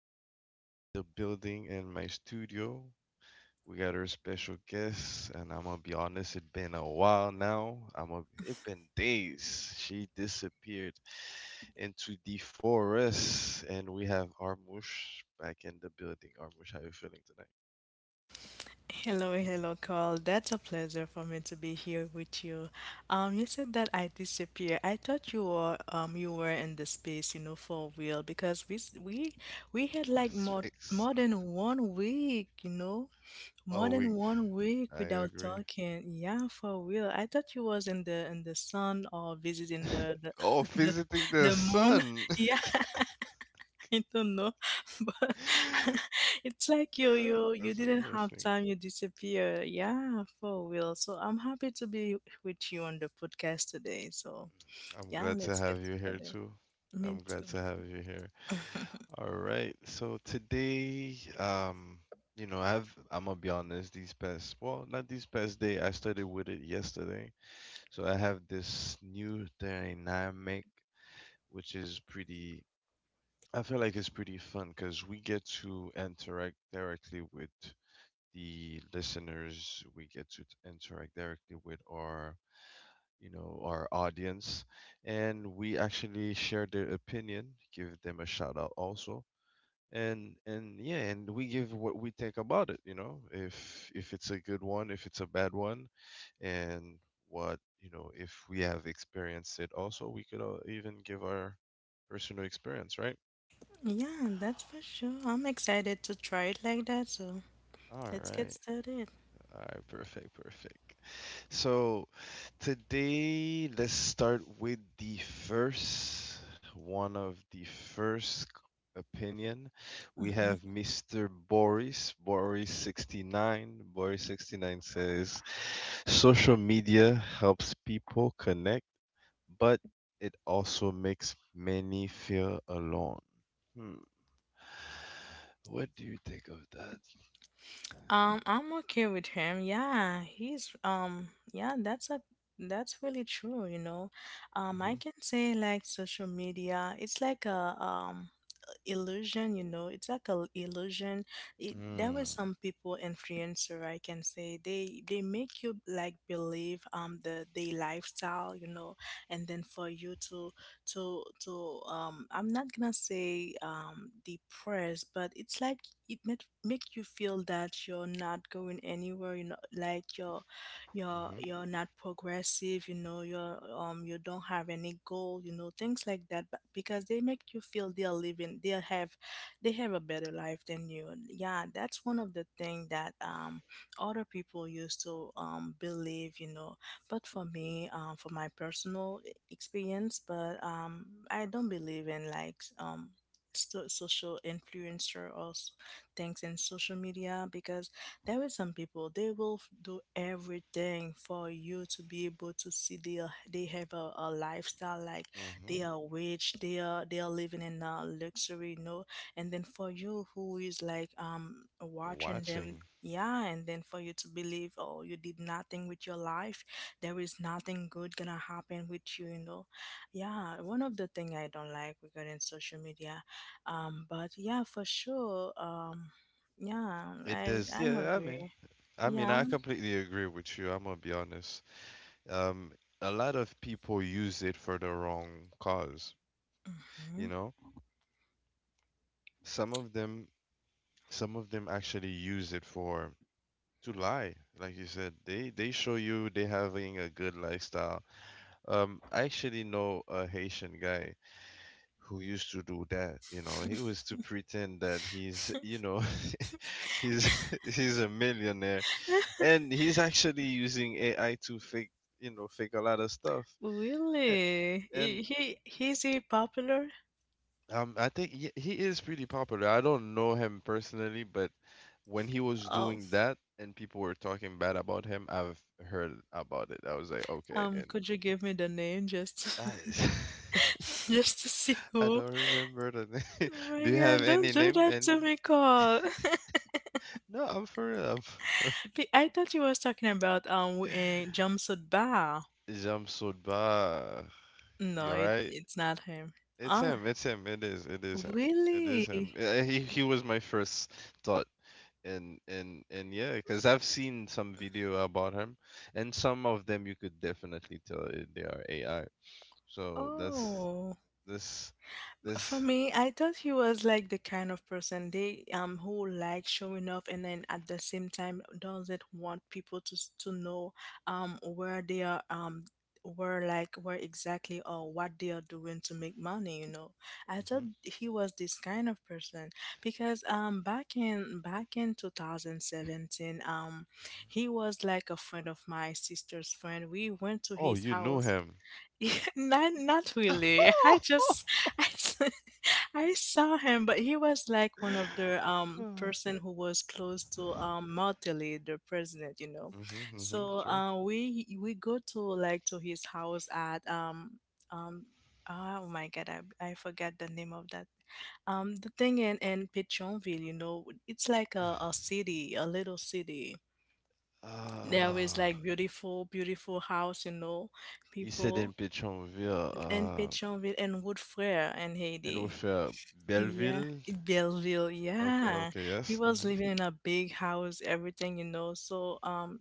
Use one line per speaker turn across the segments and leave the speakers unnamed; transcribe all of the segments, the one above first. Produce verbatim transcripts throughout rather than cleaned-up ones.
We back in the building in my studio. We got our special guest, and I'm gonna be honest, it's been a while now. I'm a, it been days. She disappeared into the forest, and we have Armush back in the building. Armush, how you feeling
Hello, hello, Carl. That's a pleasure for me to be here with you. Um, you said that I disappear. I thought you were um you were in the space, you know, for real because we s- we we had
tonight?
like more
Space.
more than one week, you know, more
All
than
week.
one week
I
without
agree.
talking. Yeah, for real. I thought you was in the in the sun or visiting the the
Oh,
the,
visiting the
the moon.
sun.
Yeah, I don't know, but it's like you
Uh,
you you
That's
didn't have
interesting.
time, you disappear. Yeah, for real. So I'm happy to be with you on the podcast today. So
I'm
yeah,
glad to
let's get
have you here
started.
too.
Me
I'm
too.
glad to have you here. All right. So today, um, you know, I've I'm gonna be honest. These past, well, not these past day. I started with it yesterday. So I have this new dynamic, which is pretty. I feel like it's pretty fun because we get to interact directly with the listeners. We get to t- interact directly with our you know our audience, and we actually share their opinion, give them a shout out also, and and yeah, and we give what we think about it. You know, if if it's a good one, if it's a bad one, and what you know if we have experienced it also, we could uh, even give our personal experience, right?
Yeah, that's for sure. I'm excited to try it like that. So
All
let's get
right.
started.
All right, perfect, perfect. So today, let's start with the first, one of the first opinion. We have mister Boris, Boris sixty-nine. Boris sixty-nine says social media helps people connect, but it also makes many feel alone. Hmm. What do you think of that?
Um, I'm okay with him. Yeah, he's um, yeah, that's a that's really true, you know. Um, I
Mm-hmm.
can say like social media, it's like a um illusion, you know, it's like a illusion. It, there were
Mm-hmm.
some people influencer I can say they they make you like believe um the the lifestyle, you know, and then for you to to to um I'm not gonna say um depressed, but it's like it make make you feel that you're not going anywhere, you know, like you're you're
Mm-hmm.
you're not progressive, you know, you're um you don't have any goal, you know, things like that, but because they make you feel they're living, they have they have a better life than you. Yeah, that's one of the things that um other people used to um believe, you know, but for me, um for my personal e- experience, but um I don't believe in like um so- social influencer or s- things in social media, because there is some people they will f- do everything for you to be able to see they are, they have a, a lifestyle like
Mm-hmm.
they are rich, they are they are living in a luxury, you know. And then for you who is like um watching them,
Watching.
yeah, and then for you to believe, oh, you did nothing with your life, there is nothing good gonna happen with you, you know. Yeah, one of the thing I don't like regarding social media. Um but yeah, for sure, um yeah,
It
I
does,
I'm
yeah. I mean,
agree.
I mean,
Yeah.
I completely agree with you. I'm gonna be honest. Um, a lot of people use it for the wrong cause.
Hmm.
You know, some of them, some of them actually use it for, to lie. Like you said, they they show you they having a good lifestyle. Um, I actually know a Haitian guy who used to do that. You know, he was to pretend that he's, you know, he's he's a millionaire, and he's actually using A I to fake, you know, fake a lot of stuff. And,
Really?
and
He, he he's he popular?
um, I think he, he is pretty popular. I don't know him personally, but when he was
Um
doing that and people were talking bad about him, I've heard about it. I was like, okay,
um
and
could you give me the name just
I,
just to see
I
who?
don't remember the name.
Oh my
Do you have
God, don't
any
do
name?
that
And
to me, Cole.
no, I'm for real. I'm for
Be- I thought you was talking about um w-
real.
eh, jumpsuit bar.
Jamsudba. You
No, it
alright?
it's not him.
It's
Ah,
him. It's him. It is. It is him. It is
really?
him. Uh, He he was my first thought, and and and yeah, because I've seen some video about him, and some of them you could definitely tell i- they are A I. So that's
Oh.
this
For
this.
me, I thought he was like the kind of person they um who likes showing off and then at the same time doesn't want people to s- to know um where they are, um where like where exactly or what they are doing to make money, you know. I thought
Hmm.
he was this kind of person because um back in back in twenty seventeen. Um he was like a friend of my sister's friend. We went to
Oh,
his
you know
house.
him.
Not not really. I just I, s- I saw him, but he was like one of the um person who was close to um Martelly, the president, you know.
Mm-hmm, mm-hmm.
So
Sure.
uh, we we go to like to his house at um um ah, oh my God, I I forgot the name of that, um the thing in in Pétionville, you know, it's like a, a city, a little city. There is
Ah,
like beautiful, beautiful house, you know,
il s'est d'un
people,
Pétionville,
and
uh,
Pétionville and Woodfrere in
and we
Haiti. Yeah,
Belleville.
in Belleville.
Okay,
Yeah,
okay,
he
yes.
was
Mm-hmm.
living in a big house, everything, you know. So, um,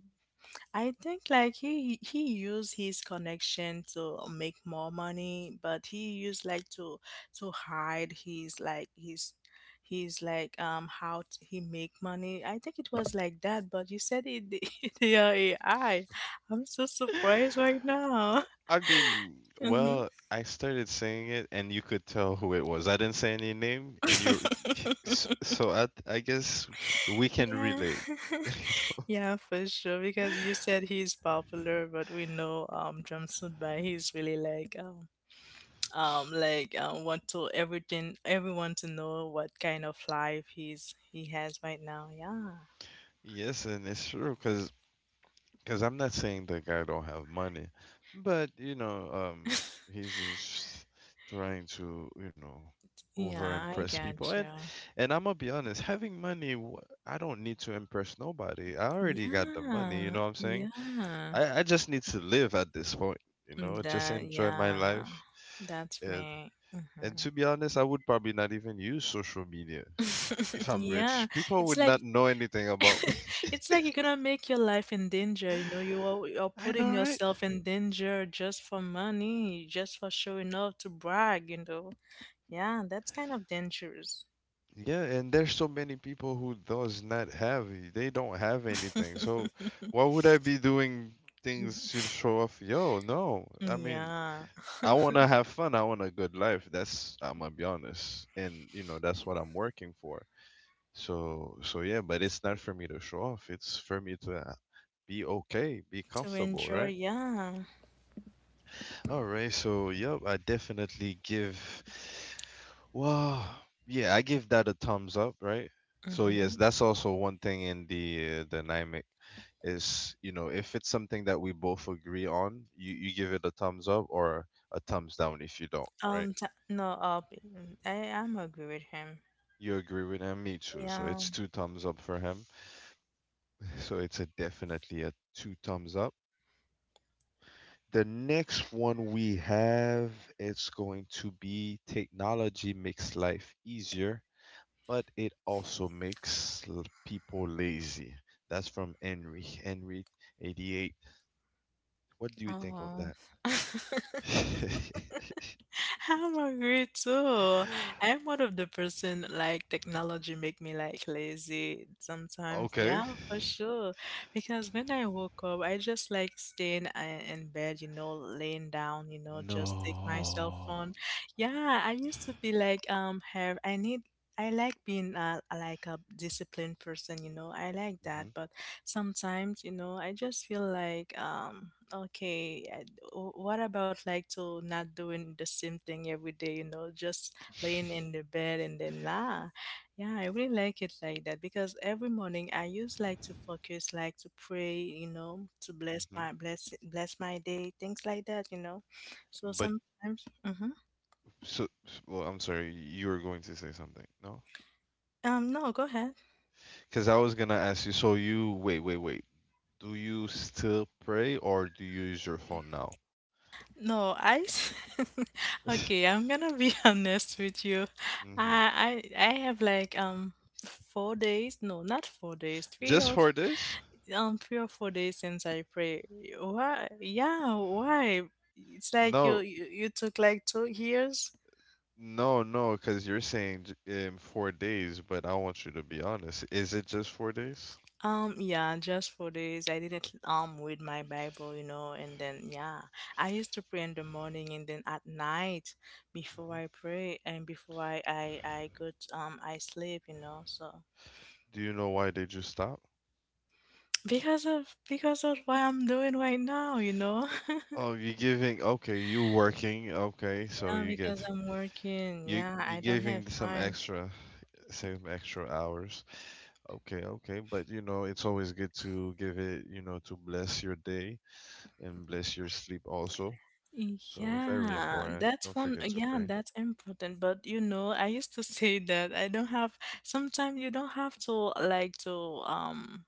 I think like he he used his connection to make more money, but he used like to to hide his like his his like um how t- he make money. I think it was like that, but you said it the A I. I'm so surprised right now.
I mean,
Hmm.
well, I started saying it, and you could tell who it was. I didn't say any name, and you. s- So I, I guess we can
Yeah.
relate. You know?
Yeah, for sure. Because you said he's popular, but we know um Jumpsuit by he's really like um um like um want to everything everyone to know what kind of life he's he has right now. Yeah.
Yes, and it's true, cause, 'cause I'm not saying the guy don't have money, but you know, um, he's just trying to, you know, over
Yeah, I
impress people,
got
and
you.
and I'm gonna be honest, having money, wh- I don't need to impress nobody. I already got the money. You
Yeah.
know what I'm saying?
Yeah.
I, I just need to live at this point, you know, just
That
enjoy my
yeah.
life.
That's
And
me.
and
Mhm.
to be honest, I would probably not even use social media if I'm
Yeah.
rich. People
It's
would
like
not know anything about me.
it's like you're gonna make your life in danger, you know, you are you're
I know,
putting
right?
yourself in danger just for money, just for showing off, to brag, you know. Yeah, that's kind of dangerous.
Yeah, and there's so many people who does not have it. They don't have anything. So why would I be doing things to show off? Yo, no. I mean,
Yeah.
I want to have fun. I want a good life. That's, I'm gonna be honest. And you know, that's what I'm working for. So, so yeah, but it's not for me to show off. It's for me to uh, be okay, be
To
comfortable,
enjoy,
right?
yeah.
All right. So, yep, I definitely give. Well, yeah, I give that a thumbs up, right? So yes,
Mm-hmm.
that's also one thing in the uh, dynamic is, you know, if it's something that we both agree on, you you give it a thumbs up or a thumbs down if you don't, right?
Um, t- no, uh, I, I'm agree with him.
You agree with him, me too. So
Yeah.
it's two thumbs up for him. So it's a definitely a two thumbs up. The next one we have, it's going to be technology makes life easier, but it also makes l- people lazy. That's from Henry, Henry eighty-eight. What do you think of
Oh.
that?
I'm agree too. I'm one of the person like technology make me like lazy sometimes.
Okay.
Yeah, for sure. Because when I woke up, I just like staying in, uh, in bed, you know, laying down, you know, just take my cell
No.
phone. Yeah, I used to be like um have I need I like being uh, like a disciplined person, you know. I like that,
Hmm.
but sometimes you know I just feel like um okay, I- w- what about like to not doing the same thing every day, you know, just laying in the bed, and then nah, yeah, I really like it like that, because every morning I used like to focus, like to pray, you know, to bless
Hmm.
my bless bless my day, things like that, you know. So
But
sometimes hmm.
so, well, I'm sorry, you were going to say something, no?
Um no, go ahead.
Because I was gonna ask you. So you, wait, wait, wait. Do you still pray or do you use your phone now?
No, I s- okay, I'm gonna be honest with you.
Hmm.
I I I have like um four days, no, not four days, three
Just
or
for
f-
this?
um three or four days since I pray. Why? Yeah, why? It's like you
No,
you, you took like two years.
no, no, because you're saying j- um, four days, but I want you to be honest. Is it just four days?
Um, yeah, just for days I didn't um read my Bible, you know, and then yeah, I used to pray in the morning and then at night before
Hmm.
I pray and before I I I go to, um I sleep, you know. So
Do you know why did you stop?
because of because of what I'm doing right now, you know.
Oh, you're giving. Okay, you working. Okay, so
Yeah,
you get,
because I'm working.
you
Yeah,
you
I don't have
giving some
time.
extra, some extra hours. Okay, okay, but you know it's always good to give it. You know, to bless your day and bless your sleep also. So very
Yeah,
important.
that's
Don't
one.
forget to
Yeah,
pray.
that's important. But you know, I used to say that I don't have. Sometimes you don't have to like to um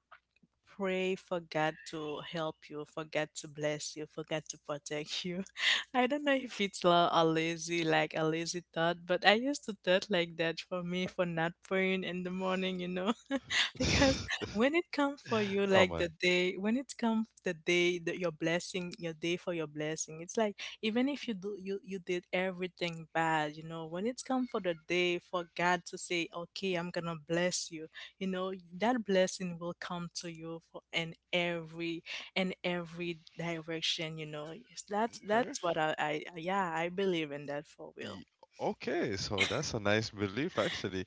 pray for God to help you, for God to bless you, for God to protect you. I don't know if it's la- a lazy, like a lazy thought, but I used to thought like that for me for not praying in the morning, you know. Because when it comes for you,
Come
like the
on.
day, when it comes the day that your blessing, your day for your blessing, it's like even if you do you you did everything bad, you know, when it's come for the day for God to say, okay, I'm gonna bless you, you know, that blessing will come to you for in every in every direction, you know. It's- That's
Okay.
that's what I, I yeah I believe in that for real.
Ye-. Okay, so that's a nice belief actually.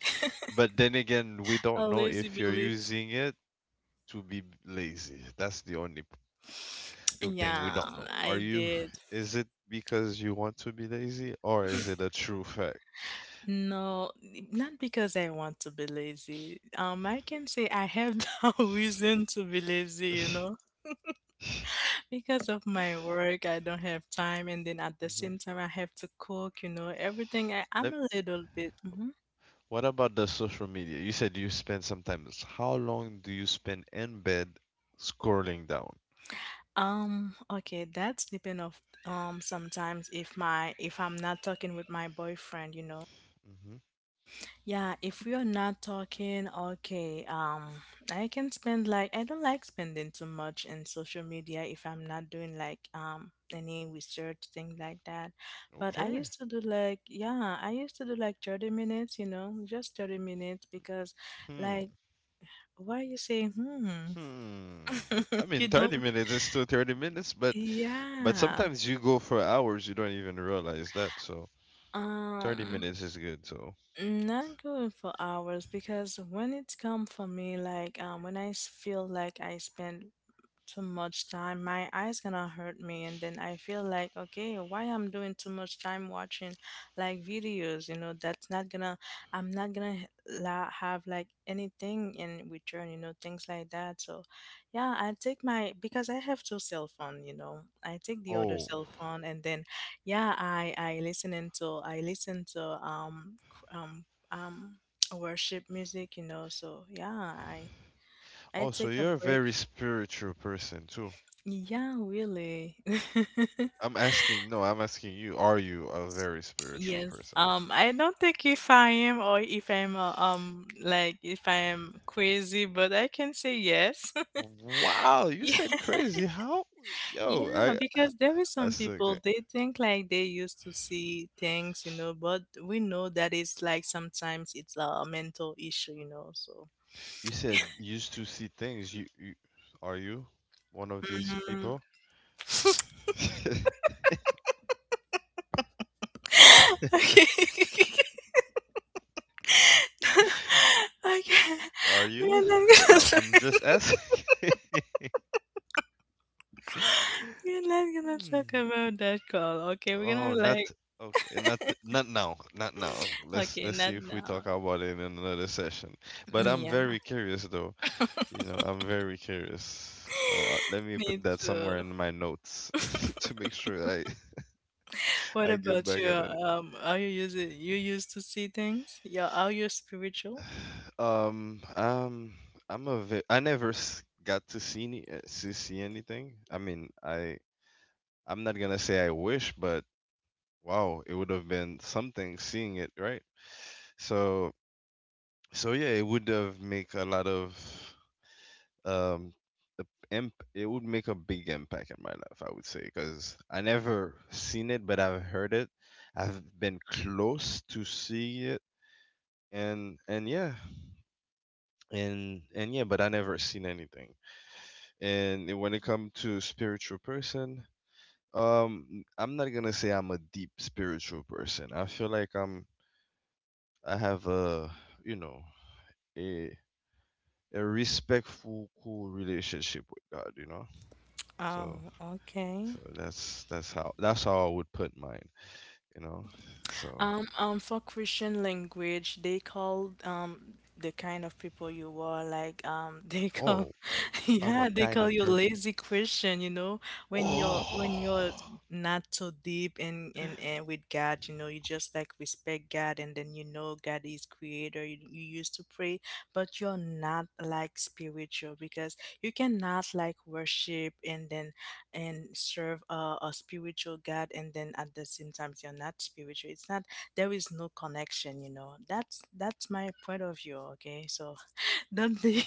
But then again, we
I
don't know
lazy
if you're
believe.
using it to be lazy. That's the only p- thing we
Yeah,
don't know. Are
I
you
did.
is it because you want to be lazy or is it a true fact?
No, not because I want to be lazy. Um, I can say I have no reason to be lazy, you
Hmm.
know, because of my work, I don't have time, and then at the same time, I have to cook, you know, everything. I, I'm a little bit, mhm.
What about the social media? You said you spend sometimes. How long do you spend in bed scrolling down?
Um, okay, that's depend of um sometimes if my if I'm not talking with my boyfriend, you know,
Hmm.
yeah, if we are not talking, okay, um, I can spend like I don't like spending too much in social media if I'm not doing like um any research thing like that. But I
Okay.
used to do like yeah, I used to do like thirty minutes, you know, just thirty minutes because
Hmm.
like why you say hmm.
Hmm. I mean,
You
thirty
don't
minutes is still thirty minutes, but but
yeah.
sometimes you go for hours, you don't even realize that. So thirty
Um,
minutes is good. So
Not going for hours, because when it's come for me, like um, when I s- feel like I spend too much time my eyes gonna hurt me, and then I feel like okay, why I'm doing too much time watching like videos, you know, that's not gonna, I'm not gonna h- la- have like anything in return, you know, things like that. So yeah, I take my, because I have two cell phone, you know, I take the other
oh
cell phone, and then yeah, i i listen into I listen to um c- um um worship music, you know, so yeah, i I
oh, so
take a
you're a
break.
very spiritual person too.
Yeah, really.
I'm asking, no, I'm asking you, are you a very spiritual
Yes.
person?
Um, I don't think if I am or if I'm uh, um like if I am crazy, but I can say yes.
Wow, you
Yeah,
said crazy. How? Yo,
yeah,
I
because there is
I
some
still
people
can't.
they think like they used to see things, you know, but we know that it's like sometimes it's a mental issue, you know, so.
You said used to see things. You, you are you one of these
Mhm.
people?
Okay. Okay.
Are you?
Man, I'm
I- I'm just asking.
We're not gonna talk
Hmm.
about that, call. Okay, we're gonna
Oh, not
like…
okay. Not not now. Not now. Let's
okay,
let's
not
see if we talk
now.
about it in another session. But
Mm,
I'm
yeah.
very curious, though. You know, I'm very curious. Uh, let me put
Me
that
too.
somewhere in my notes to make sure I
What
I get
about
back
you?
on it.
Um, are you using you used to see things? Yeah, are you spiritual?
Um, um, I'm a ve- I never s- got to see any uh, to see anything. I mean, I I'm not gonna say I wish, but wow, it would have been something seeing it, right? So, so yeah, it would have make a lot of um, the imp. It would make a big impact in my life, I would say, because I never seen it, but I've heard it. I've been close to see it, and and yeah, and and yeah, but I never seen anything. And when it come to spiritual person, um, I'm not gonna say I'm a deep spiritual person. I feel like I'm. I have a, you know, a a respectful, cool relationship with God, you know. So
Oh, okay.
so that's that's how that's how I would put mine, you know. So
Um, um, for Christian language, they call um the kind of people you are like um they call
oh, I'm a
yeah, they
kind
call
of
you
chirpy.
lazy Christian. You know, when you're when you're
Oh,
not so deep in in, in with God, you know, you just like respect God, and then you know God is creator. You, you used to pray, but you're not like spiritual, because you cannot like worship and then and serve a, a spiritual God, and then at the same time you're not spiritual. It's not… there is no connection, you know. That's that's my point of view. Okay, so don't be…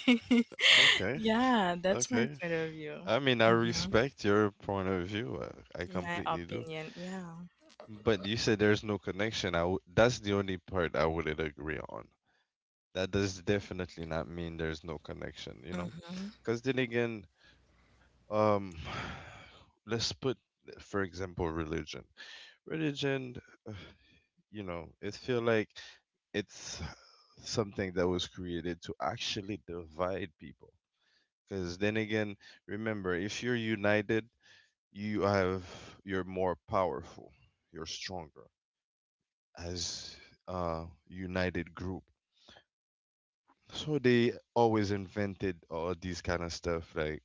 okay,
yeah, that's my
okay.
point of view.
I mean, I
Hmm.
respect your point of view. I, I
My
completely do.
opinion, yeah.
But you said there's no connection. I w that's the only part I wouldn't agree on. That does definitely not mean there's no connection, you know?
Mm-hmm.
Because then again, um, let's put, for example, religion. Religion, uh, you know, it feel like it's something that was created to actually divide people. Because then again, remember, if you're united, you have you're more powerful, you're stronger as a united group. So they always invented all these kind of stuff like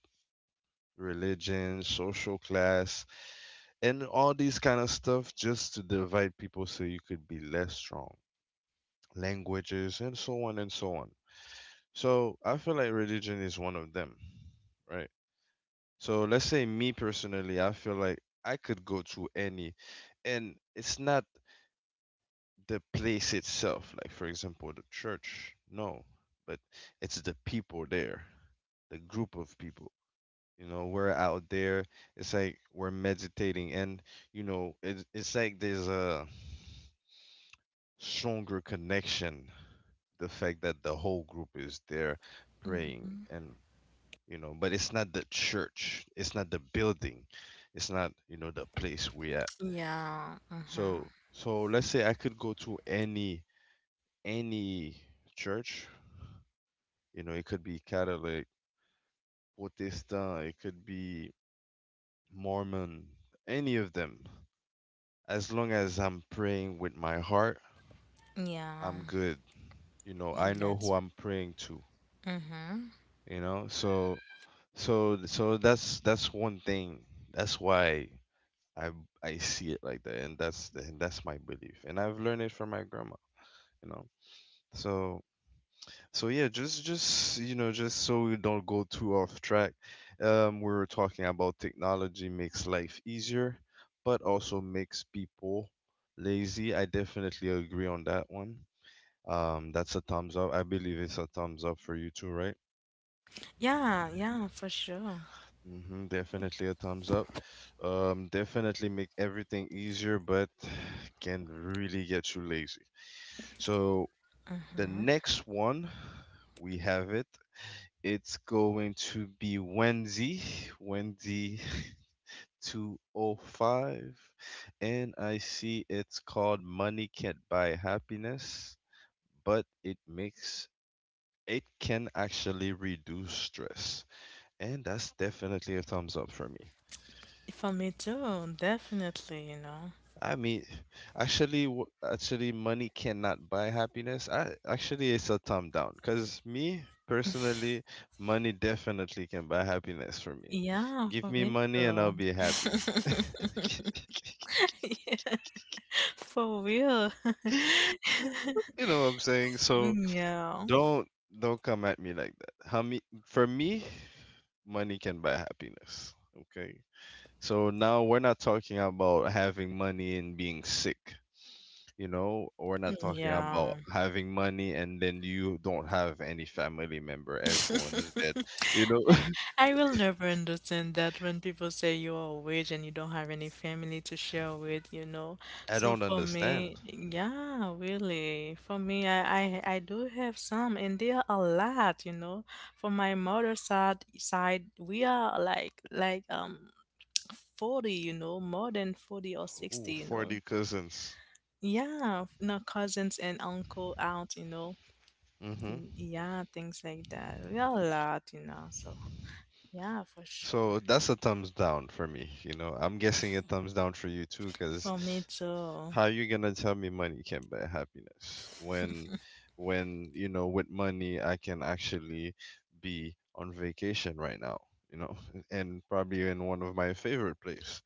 religion, social class, and all these kind of stuff just to divide people so you could be less strong, languages and so on and so on. So I feel like religion is one of them, right? So let's say, me personally, I feel like I could go to any— and it's not the place itself, like for example the church, no, but it's the people there, the group of people, you know, we're out there. It's like we're meditating and, you know it, it's like there's a stronger connection, the fact that the whole group is there praying. And you know, but it's not the church, it's not the building, it's not, you know, the place we at.
Yeah. Mm-hmm.
So so let's say I could go to any any church. You know, it could be Catholic, Protestant, it could be Mormon, any of them. As long as I'm praying with my heart,
Yeah,
I'm good. You know, I know
that's…
who I'm praying to.
mm-hmm.
You know. So So so that's that's one thing. That's why I I see it like that, and that's the- and that's my belief, and I've learned it from my grandma. You know. So so yeah, just just you know, just so we don't go too off track. Um, we were talking about technology makes life easier, but also makes people lazy. I definitely agree on that one. Um, that's a thumbs up. I believe it's a thumbs up for you too, right?
Yeah, yeah, for sure.
Hmm definitely a thumbs up. Um, definitely make everything easier, but can really get you lazy. So the
Mm-hmm.
next one, we have it. It's going to be Wendy, Wendy two oh five, and I see it's called Money Can't Buy Happiness, but it makes it can actually reduce stress, and that's definitely a thumbs up for me.
For me too, definitely, you know.
I mean, actually, w- actually, money cannot buy happiness. I actually, it's a thumb down. Cause me personally, money definitely can buy happiness for me.
Yeah,
Give
for
me
me
money and
too.
I'll be happy.
Yeah. For real.
You know what I'm saying? So
Yeah.
don't don't come at me like that. How me For me, money can buy happiness. Okay. So now we're not talking about having money and being sick. You know, we're not talking about
Yeah.
having money and then you don't have any family member. Everyone's dead. You know,
I will never understand that when people say you are a witch and you don't have any family to share with, you know.
I
So
don't
for me,
understand.
yeah, really. For me, I, I, I do have some and they are a lot, you know. For my mother's side side, we are like like um forty, you know, more than forty or sixty,
Ooh,
you know.
forty cousins.
Yeah, no cousins and uncle out, you know.
hmm
In- yeah, things like that. We are a lot, you know, so yeah, for sure.
So that's a thumbs down for me. You know, I'm guessing a thumbs down for you too, because
For me too.
how you gonna tell me money can buy happiness when, when you know, with money I can actually be on vacation right now. You know, and probably in one of my favorite place.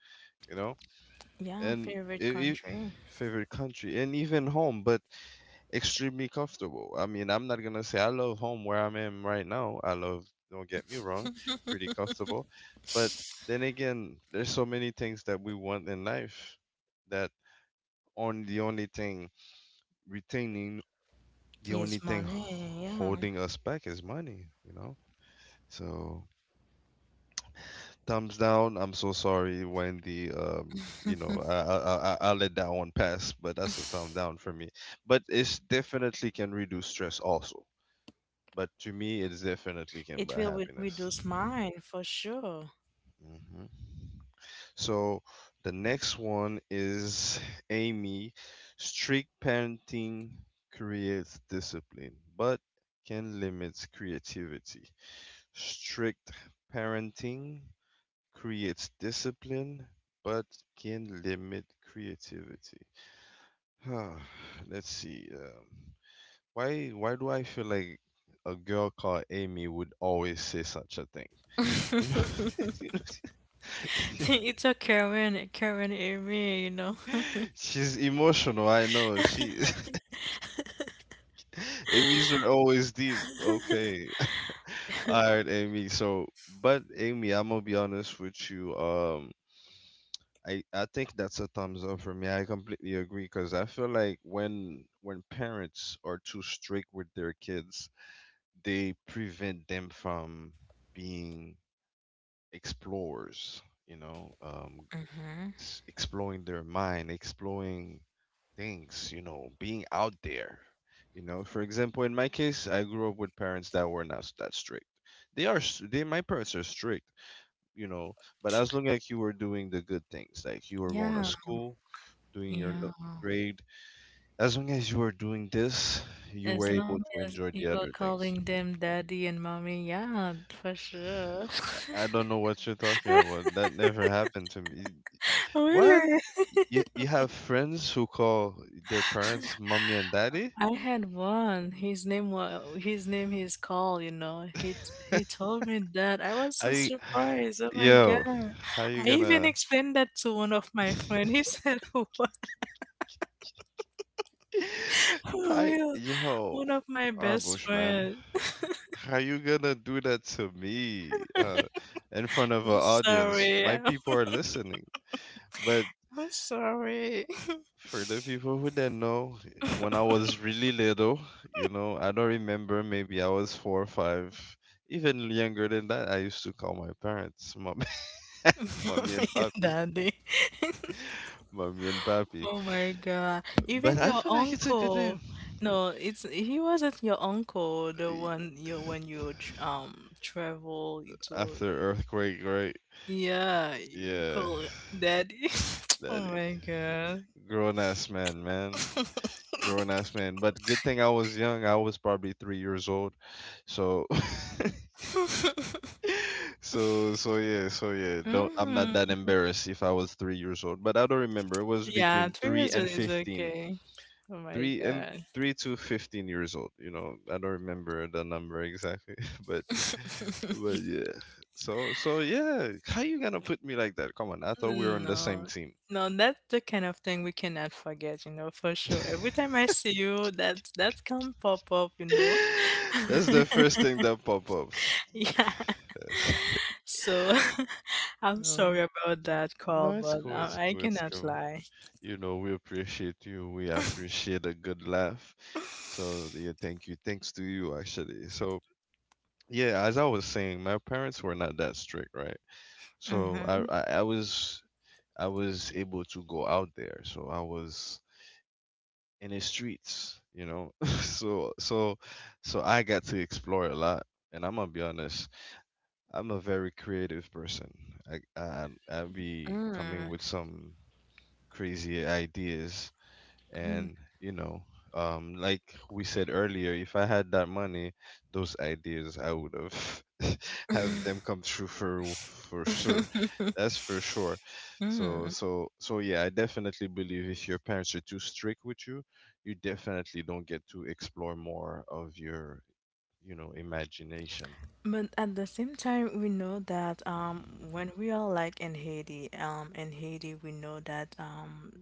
You know,
Yeah,
and i
favorite
i-
country
favorite country and even home, but extremely comfortable. I mean, I'm not gonna say I love home where I'm in right now. I love, don't get me wrong, pretty comfortable. But then again, there's so many things that we want in life that on the only thing retaining, the only
is
thing
money. Yeah,
holding us back is money, you know? So thumbs down. I'm so sorry, Wendy. Um, you know, I I I, I I'll let that one pass, but that's a thumb down for me. But it's definitely can reduce stress also. But to me, it's definitely can
it
buy
will re-
happiness.
reduce mine for sure.
hmm So the next one is Amy. Strict parenting creates discipline, but can limit creativity. Strict parenting creates discipline, but can limit creativity. Let's see. Um, why why do I feel like a girl called Amy would always say such a thing? You know, you know,
It's a current current area, you know.
she's emotional. I know she. Amy's are always deep. Okay, all right, Amy. So, but Amy, I'm gonna be honest with you. Um, I, I think that's a thumbs up for me. I completely agree because I feel like when when parents are too strict with their kids, they prevent them from being explorers, you know, um,
Hmm.
s- exploring their mind, exploring things, you know, being out there. You know, for example, in my case, I grew up with parents that were not s- that strict. They are, s- they, My parents are strict, you know, but as long as you were doing the good things, like you were going to
Yeah,
school, doing your no-
yeah.
grade. As long as you were doing this, you were
As long
able to
as
enjoy
you
the
were
other
calling
things.
them daddy and mommy, yeah, for sure.
I don't know what you're talking about. That never happened to me. What?
Really?
You, you have friends who call their parents mommy and daddy?
I had one. His name was his name is Carl, you know. He t- he told me that. I was
How
so
you,
surprised. Oh my
yo,
God.
how you
I even
gonna?
explained that to one of my friend. He said, "Wow, for
Hi,
real,
yo,
one of my best
Arbush man,
friend."
how you gonna do that to me? Uh, in front of
I'm
an audience, my
sorry.
people are listening. But
I'm sorry.
for the people who didn't know, when I was really little, you know, I don't remember, maybe I was four or five, even younger than that, I used to call my parents mommy, mommy
Mommy
and
and
papi,
daddy.
mommy and papi.
Oh my God.
But
Even
I
your
feel like it's a good
uncle.
name.
No, it's he wasn't your uncle, the
Y-
one you when you tr- um travel to…
After earthquake, right?
yeah, you
Yeah,
call it daddy. Oh
that is
my God.
grown ass man, man, grown ass man. But good thing I was young. I was probably three years old, so so so yeah, so yeah, don't I'm not
Hmm.
that embarrassed if I was three years old, but I don't remember. It was
Yeah,
between
three
three
years
and
is
fifteen,
okay. Oh my
three and
God.
three to fifteen years old. You know, I don't remember the number exactly but but yeah. So so yeah, how you gonna put me like that? Come on, I thought we were on the same
No.
team.
No, that's the kind of thing we cannot forget, you know, for sure. Every time I see you, that that can pop up, you know.
That's the first thing that pop ups.
Yeah. So
You
I'm
know,
sorry about
n-
that call,
no, it's
but
cool,
um,
it's
I
cool, it's
cannot
cool.
lie.
You know, we appreciate you. We appreciate a good laugh. So yeah, thank you. Thanks to you actually. So yeah, as I was saying, my parents were not that strict, right? So I
Mm-hmm.
I, I was I was able to go out there. So I was in the streets, you know. so so so I got to explore a lot. And I'm gonna be honest, I'm a very creative person. I I I be coming
Mm.
with some crazy ideas, and you know, um like we said earlier, if I had that money, those ideas I would have
Mm.
have them come true for for sure. That's for sure. so
Mm.
so so yeah, I definitely believe if your parents are too strict with you, you definitely don't get to explore more of your, you know imagination.
But at the same time, we know that um, when we are like in Haiti, um, in Haiti, we know that um,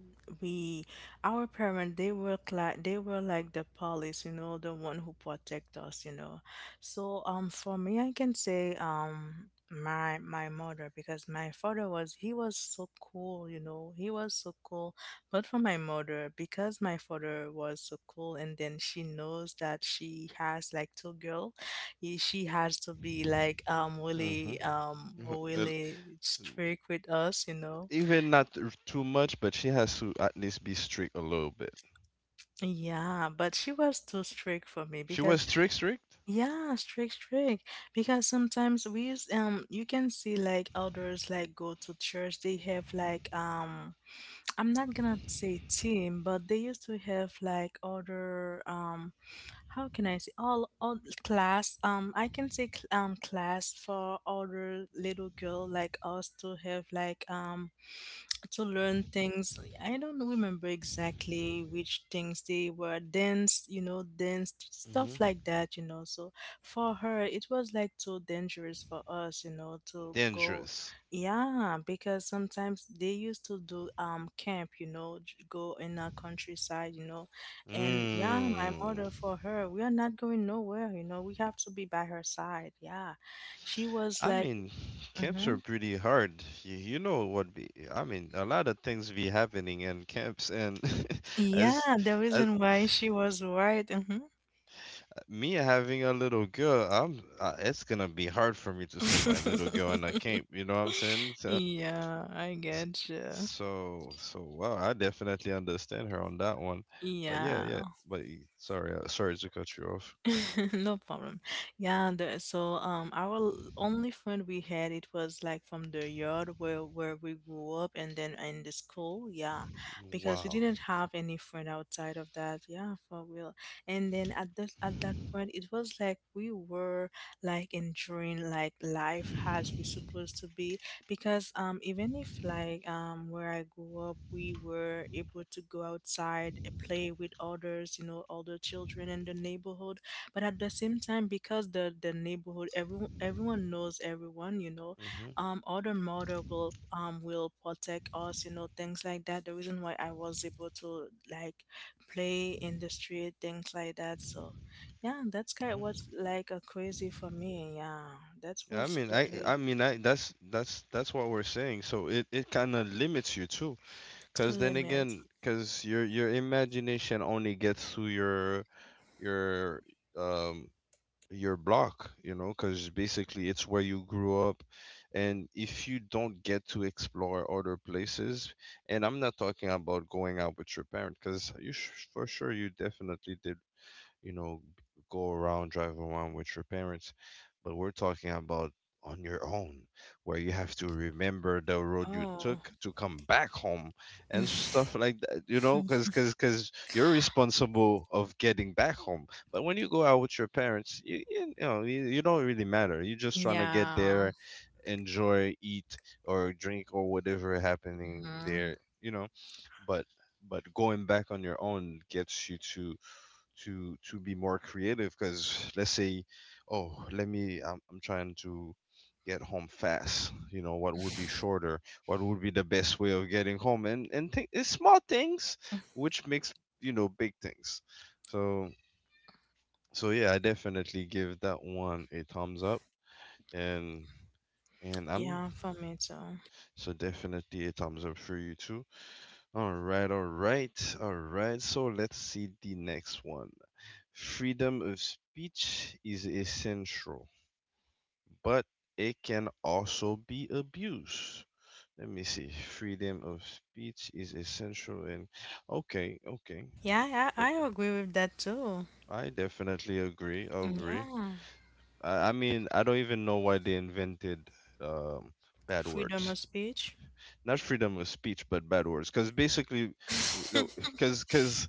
we, our parents, they were like they were like the police, you know, the one who protect us, you know. So um, for me, I can say um, my my mother, because my father was he was so cool, you know, he was so cool. But for my mother, because my father was so cool, and then she knows that she has like two girls, he, she has to be like um
Hmm.
really um really strict with us, you know.
Even not, r- too much, but she has to at least be strict a little bit.
Yeah, but she was too strict for me,
She was
because
strict, strict.
yeah, strict, strict. Because sometimes we use um you can see like others like go to church, they have like um I'm not gonna say team, but they used to have like other um how can I say all all class um I can say cl- um class for older little girl like us to have like um to learn things. I don't remember exactly which things they were, dance, you know, dance, stuff
Hmm.
like that, you know. So for her, it was like so dangerous for us, you know, to go.
Dangerous.
Yeah, because sometimes they used to do um camp, you know, j- go in a countryside, you know. And yeah, my
Mm.
mother for her, we are not going nowhere, you know. We have to be by her side. Yeah. She was
I
like,
mean, camps
mm-hmm.
are pretty hard. You, you know what be, I mean, a lot of things be happening in camps and as,
Yeah, the
as
reason why she was white.
me having a little girl, I'm uh, it's gonna be hard for me to send my little girl in a camp, you know what I'm saying? So
Yeah, I
s-
get you.
so, so wow, I definitely understand her on that one. But yeah, yeah,
Yeah.
but y- sorry, uh, sorry to cut you off.
No problem. Yeah, the, so um our l- only friend we had it was like from the yard where where we grew up, and then in the school, yeah. Because we
Wow.
didn't have any friend outside of that, yeah, for real. And then at that at that point it was like we were like enjoying like life as we supposed to be, because um even if like um where I grew up we were able to go outside and play with others, you know, other children in the neighborhood, but at the same time because the the neighborhood everyone everyone knows everyone, you know,
Mm-hmm.
um other mother will um will protect us, you know, things like that the reason why I was able to like play in the street, things like that. So yeah, that's kind of was like a crazy for me, yeah, that
I
was
mean, I
crazy.
I mean, I that's that's that's what we're saying. So it it kind of limits you too, because then
Limit.
again, because your your imagination only gets to your, your um your block, you know, because basically it's where you grew up, and if you don't get to explore other places, and I'm not talking about going out with your parent, because you sh for sure you definitely did, you know, go around, drive around with your parents. But we're talking about on your own, where you have to remember the road you
Oh.
took to come back home and stuff like that, you know, because because 'cause- 'cause you're responsible of getting back home. But when you go out with your parents, you, you know, you, you don't really matter. You're just trying to get
Yeah.
there, enjoy, eat, or drink, or whatever happening
Hmm.
there, you know, but but going back on your own gets you to to to be more creative, because let's say, oh, let me I'm, I'm trying to get home fast, you know, what would be shorter, what would be the best way of getting home? And and th- it's small things which makes, you know, big things. So so yeah, I definitely give that one a thumbs up. And and I'm
Yeah, for me too.
so, definitely a thumbs up for you too. All right, all right, all right, so let's see the next one. Freedom of speech is essential, but it can also be abused. Let me see. Freedom of speech is essential, and okay, okay.
Yeah, i,
But
I agree with that too.
I definitely agree. I agree.
Yeah.
I, I mean, I don't even know why they invented, um, bad
Freedom
words.
of speech.
Not freedom of speech, but bad words, because basically, w- no, because because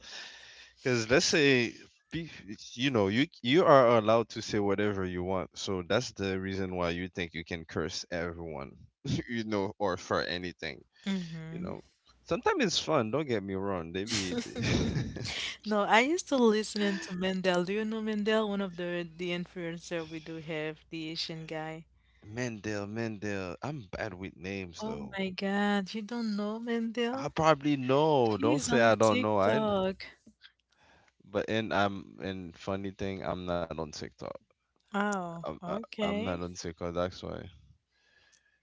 because let's say, pe- you know, you you are allowed to say whatever you want, so that's the reason why you think you can curse everyone you know, or for anything, you
Hmm.
know, sometimes it's fun, don't get me wrong, they be
No, I used to listening to Mendel. Do you know Mendel? One of the the influencer we do have, the Asian guy.
Mendel, Mendel, I'm bad with names
Oh
though.
my God, you don't know
I
Mendel?
probably know, don't
He's
say
on
I don't know. I—
TikTok.
but and I'm and funny thing, I'm not on TikTok. I'm
Oh,
I, I'm not on
okay.
TikTok. That's why.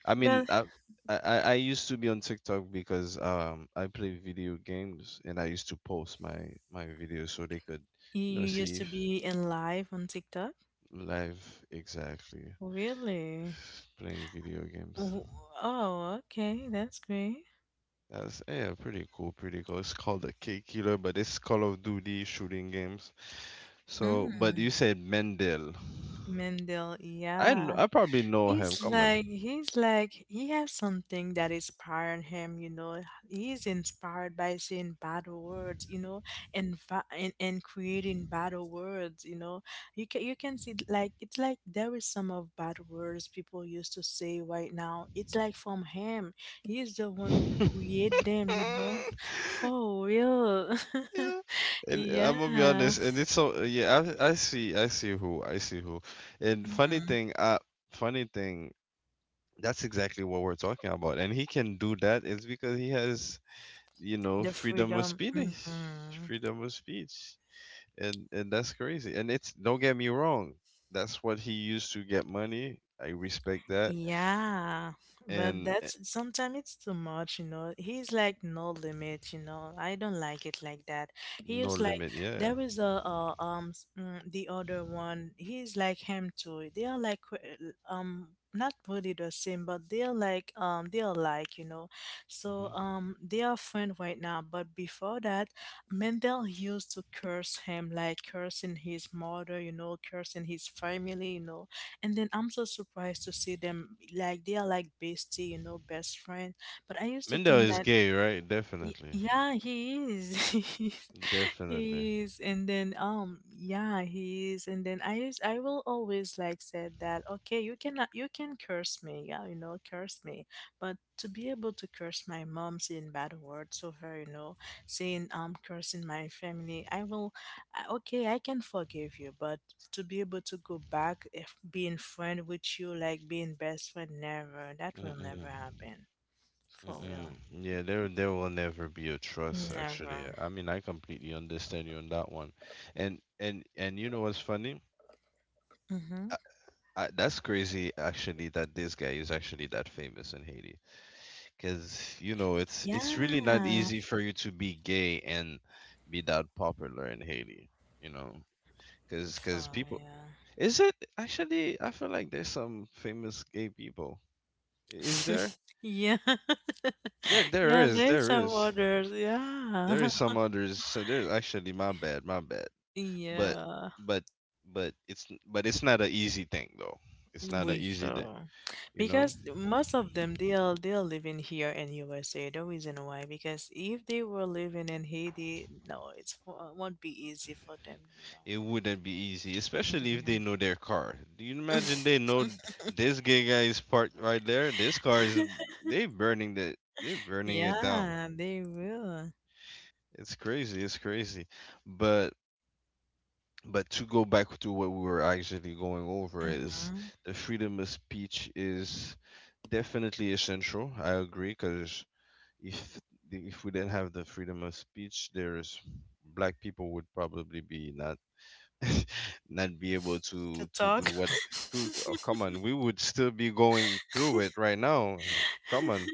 I mean,
But
I, I I I used to be on TikTok because um I play video games, and I used to post my my videos so they could,
you
you know,
you used
see
to
if—
be in live on TikTok?
live, exactly,
Really?
playing video games.
W- Oh, okay, that's great.
That's yeah, pretty cool, pretty cool. It's called the K Killer, but it's Call of Duty shooting games. So, but
Mm.
you said Mendel.
Mendel,
I kn-
yeah.
I probably know him.
He's
Come
like he's like he has something that inspired him, you know. He's inspired by seeing battle words, you know, and fa- and, and creating battle words, you know. You can you can see like it's like there is some of bad words people used to say right now. It's like from him. He's the one who
on.
create them, you know. For real.
Yeah, and uh,
Yeah.
I'm gonna be honest, and it's so uh, yeah. I I see, I see who, I see who. And funny
Mm.
thing, uh, funny thing. That's exactly what we're talking about, and he can do that. It's because he has, you know,
The
freedom of
freedom.
speech,
Hmm.
freedom of speech, and and that's crazy. And it's don't get me wrong, that's what he used to get money. I respect that,
Yeah, but
and eh,
that's sometimes it's too much, you know. He's like no limit, you know. I don't like it like that. He
no
is like
limit. Yeah.
there is a, uh um s- mm, the other one. He's like him too. They are like qu- um not really the same, but they are like um they are like, you know. So
hmm
um they are friend right now, but before that, Mendel used to curse him like cursing his mother, you know, cursing his family, you know, and then I'm so surprised to see them like they are like bestie, you know, best friend. But I used to
Mendel
think
is
that…
gay, right?
Y-
Definitely,
yeah, he is. He is.
definitely.
He is. And then um yeah, he is. And then I use I will always like said that, okay, you cannot you can curse me, yeah, you know, curse me. But to be able to curse my mom saying bad words over, you know, saying um cursing my family, I will… I- okay, I can forgive you, but to be able to go back if being friend with you, like being best friend, never. That will never
Mm-mm.
happen. For
Mm-mm.
real.
Yeah, there there will never be a trust actually.
Never.
I mean, I completely understand you on that one. And and and you know what's funny?
Mm-hmm.
I, that's crazy actually that this guy is actually that famous in Haiti. 'Cause you know, it's it's really not
Yeah.
easy for you to be gay and be that popular in Haiti, you know? 'Cause 'cause
Oh,
people.
yeah.
Is it actually I feel like there's some famous gay people. Is there?
Yeah.
There there
Yeah,
is,
there's
there
some
is.
others.
There
Yeah.
is some others. So there's actually my bad, my bad. But
Yeah,
but but it's but it's not an easy thing though. It's not an
we
easy thing.
sure.
You know,
Because most of them they are they are living here in U S A. The reason why, because if they were living in Haiti, no, it's it won't be easy for them, you know.
it wouldn't be easy, especially if they know their car. Do you imagine they know
Mm-mm.
this gay guy is parked right there? This car is, they burning the they burning it down.
Yeah, they will.
It's crazy. It's crazy. But But to go back to what we were actually going over is
Hmm.
the freedom of speech is definitely essential. I agree because if the- if we didn't have the freedom of speech, there's black people would probably be not not be able
To
to to do
talk.
what to. Oh, come on, we would still be going through it right now. Come on.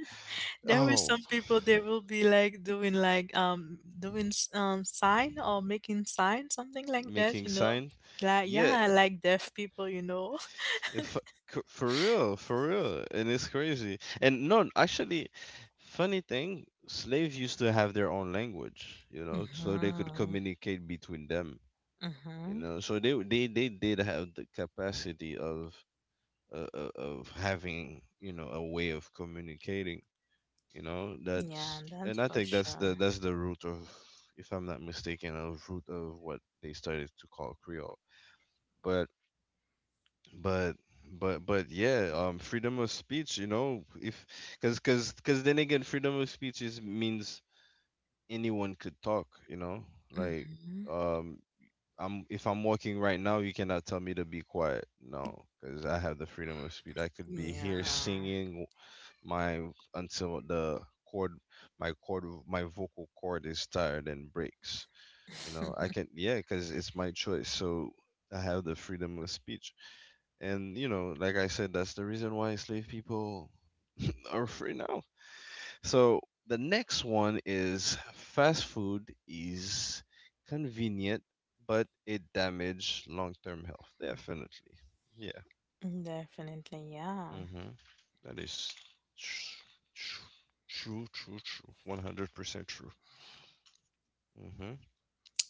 There were
Oh,
some people they will be like doing like um doing s- um sign or making sign something like that,
making
you know.
sign.
Like
Yeah.
yeah, like deaf people, you know.
If, c- For real, for real, and it's crazy. And no, actually, funny thing, slaves used to have their own language, you know, so they could
Mm-hmm.
communicate between them, you
Mm-hmm.
know. So they they they did have the capacity of uh, uh, of having, you know, a way of communicating, you know.
Yeah,
That's
that's
and I
for
think that's the
sure.
that's the root of, if I'm not mistaken, of root of what they started to call Creole. But but but but yeah, um freedom of speech, you know, if because because because then again, freedom of speech is means anyone could talk, you know, like
Mm-hmm.
um I'm if I'm walking right now, you cannot tell me to be quiet. No, because I have the freedom of speech. I could be here
Yeah.
singing my, until the, chord my chord my vocal cord is tired and breaks. You know I can. Yeah, because it's my choice. So I have the freedom of speech. And you know, like I said, that's the reason why slave people are free now. So the next one is fast food is convenient, but it damage long term health. Definitely. Yeah.
Definitely, yeah.
Mm-hmm. That is tr- tr- true, true, true. one hundred percent true.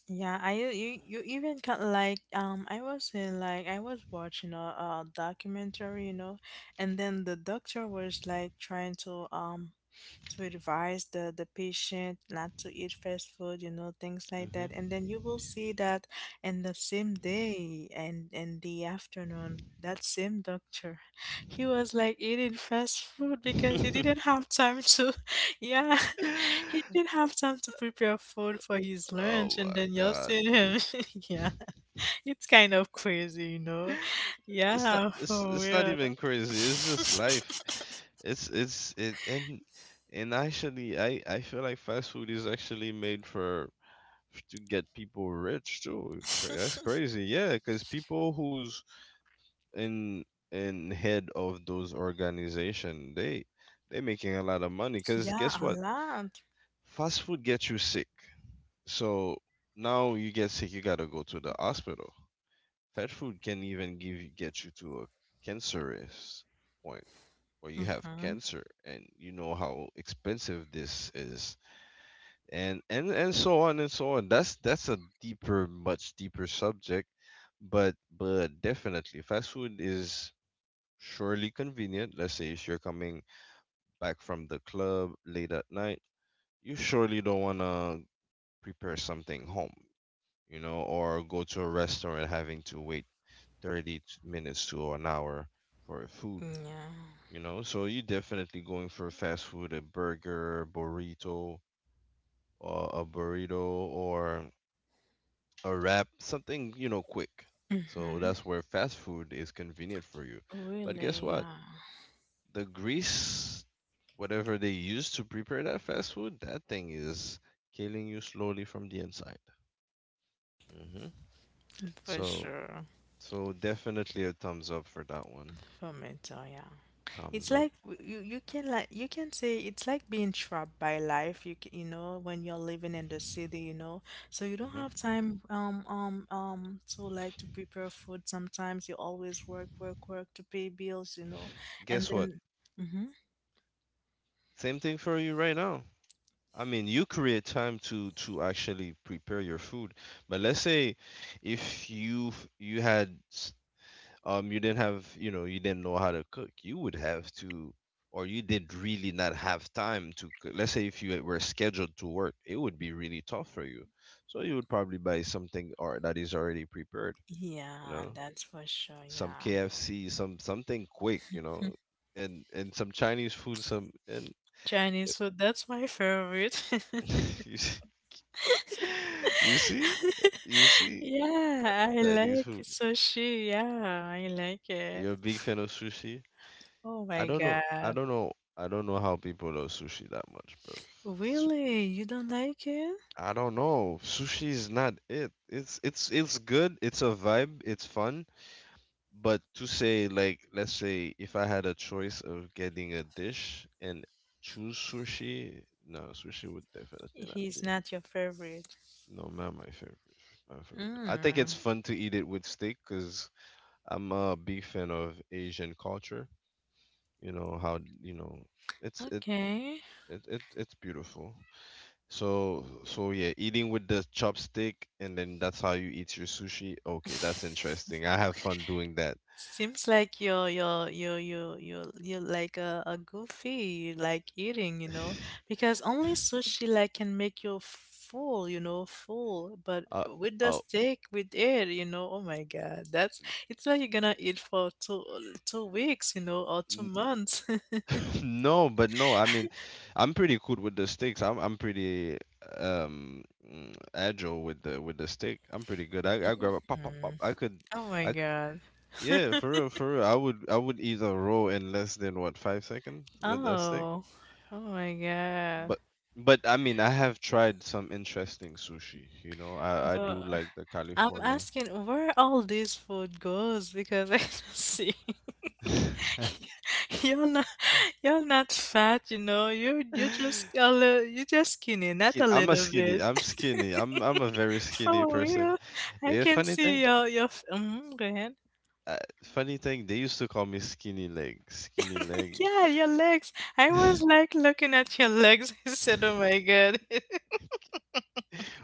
Yeah, I you you you even got like um I was in like I was watching a, a documentary, you know, and then the doctor was like trying to um to advise the the patient not to eat fast food, you know, things like that, and
Mm-hmm.
then you will see that in the same day and in the afternoon that same doctor he was like eating fast food because he
Mm-hmm.
didn't have time to… yeah he didn't have time to prepare food for his
Oh
lunch and
my
then you're
God.
seeing him yeah it's kind of crazy, you know.
It's not
Yeah,
it's,
for
it's not
real.
even crazy, it's just life. It's it's it and and Actually, i i feel like fast food is actually made for to get people rich too. Cra- that's crazy, yeah, because people who's in in head of those organization, they they making a lot of money because
Yeah,
guess
a
what,
lot.
fast food gets you sick. So now you get sick, you gotta go to the hospital. Fast food can even give you get you to a cancerous point, or you have
Mhm.
cancer, and you know how expensive this is. And and and so on and so on. That's that's a deeper, much deeper subject. But but definitely fast food is surely convenient. Let's say if you're coming back from the club late at night, you surely don't want to prepare something home, you know, or go to a restaurant having to wait thirty t- minutes to an hour for food.
Yeah.
You know, so you're definitely going for fast food, a burger, burrito, uh, a burrito, or a wrap, something, you know, quick. So
Mhm.
that's where fast food is convenient for you. But guess
Really,
what?
yeah.
The grease, whatever they use to prepare that fast food, that thing is killing you slowly from the inside. hmm
For
So,
sure.
so definitely a thumbs up for that one.
For mental, yeah. It's
Thumbs up.
like w- you you can like you can say it's like being trapped by life. You c- you know when you're living in the city, you know, so you don't have
hmm
time um um um to like to prepare food. Sometimes you always work work work to pay bills, you know, and
Guess what?
then. Mm-hmm.
Same thing for you right now. I mean, you create time to to actually prepare your food. But let's say if you you had s- um you didn't have, you know, you didn't know how to cook, you would have to, or you did really not have time to cook. Let's say if you were scheduled to work, it would be really tough for you. So you would probably buy something or that is already prepared, you
Yeah,
know,
that's for sure.
some
Yeah.
K F C, some something quick, you know, and and some Chinese food, some and
Chinese food, that's my favorite.
you You see? You see,
Yeah, I
Chinese
like
food.
sushi. Yeah, I like it.
You're a big fan of sushi?
Oh
I
my
don't know. I
God.
don't know. I don't know how people love sushi that much, bro. Su-
Really? You don't like it?
I don't know. Sushi is not it. It's it's it's good. It's a vibe. It's fun. But to say like, let's say if I had a choice of getting a dish and choose sushi, no, sushi would definitely not
He's
be.
not your favorite.
No, not my favorite. My favorite, I think it's
Mm,
fun to eat it with steak because I'm a big fan of Asian culture. You know how you know it's it
okay.
it, it it's beautiful. So, so yeah, eating with the chopstick and then that's how you eat your sushi. Okay, that's interesting. I have fun doing that.
Seems like you're you're you're you're you're you're like a, a goofy, you like eating, you know, because only sushi like can make you full, you know, full. But
Uh
with the
oh.
steak, with it, you know, oh my God, that's it's like you're gonna eat for two two weeks, you know, or two
n-
months.
No, but no, I mean, I'm pretty cool with the sticks. I'm I'm pretty um mm, agile with the with the stick. I'm pretty good. I I grab a pop pop pop.
Mm.
I could.
Oh my
I c-
God.
Yeah, for real, for real. I would I would either roll in less than what, five seconds with a stick.
Oh, oh my God.
But but I mean I have tried some interesting sushi, you know. I, I
But
do like the
I'm
California.
asking where all this food goes because I don't see. You're not. You're not fat, you know. You you just a little, you just skinny, not a
Ki- I'm a
little
skinny.
bit.
I'm skinny. I'm I'm a very skinny
For real,
person.
I
The
can
funny
see
thing,
your your. f- Mm, go ahead.
uh, funny thing, they used to call me skinny leg, skinny leg.
Yeah, your legs. I was like looking at your legs. I said, "Oh my God,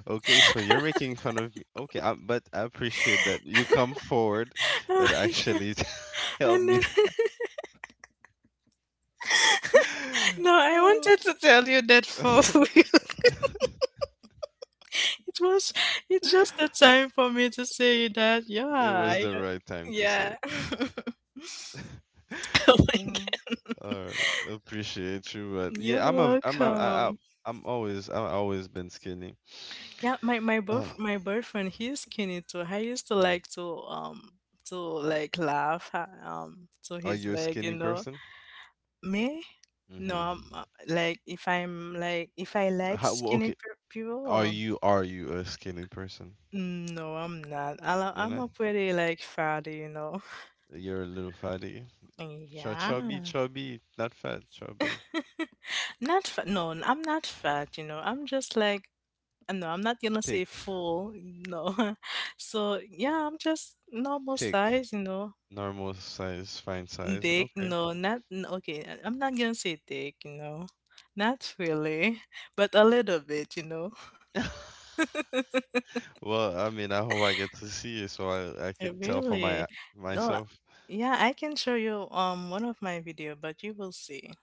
Okay, so you're making fun of me. Okay, I, but I appreciate that you come forward
oh
and
my God!"
actually tell
And
me.
then, no, I
Oh.
wanted to tell you that for real. It was it's just the time for me to say that. Yeah,
It was
I,
the right time to say
yeah.
it.
Oh my
Oh.
God.
All right, appreciate you, but
You're
yeah, I'm a, I'm a, I, I,
welcome.
I'm always, I've always been skinny.
Yeah, my my
Oh.
boyf my boyfriend, he's skinny too. I used to
Mm.
like to um to like laugh uh, um to
Are
his
you a
leg, you
skinny
know.
person?
Me? No,
Mm-hmm.
I'm uh, like if I'm like if I like
How, well,
skinny
okay,
pe- people,
are
or,
you, are you a skinny person?
Mm, no, I'm not. I,
You're
I'm
not.
a pretty like fatty, you know.
You're a little fatty. Chub,
Yeah.
chubby, chubby, not fat, chubby.
Not fat. No, I'm not fat, you know. I'm just like, no, I'm not gonna say
Thick,
full, no. So, yeah, I'm just normal
thick,
size, you know.
normal size, fine size.
Dick?
Okay.
No, not n- okay. I- I'm not gonna say dick, you know, not really, but a little bit, you know.
Well, I mean, I hope I get to see it so I I
Eh,
could tell for
really?
my
No,
myself.
yeah, I can show you um one of my video, but you will see.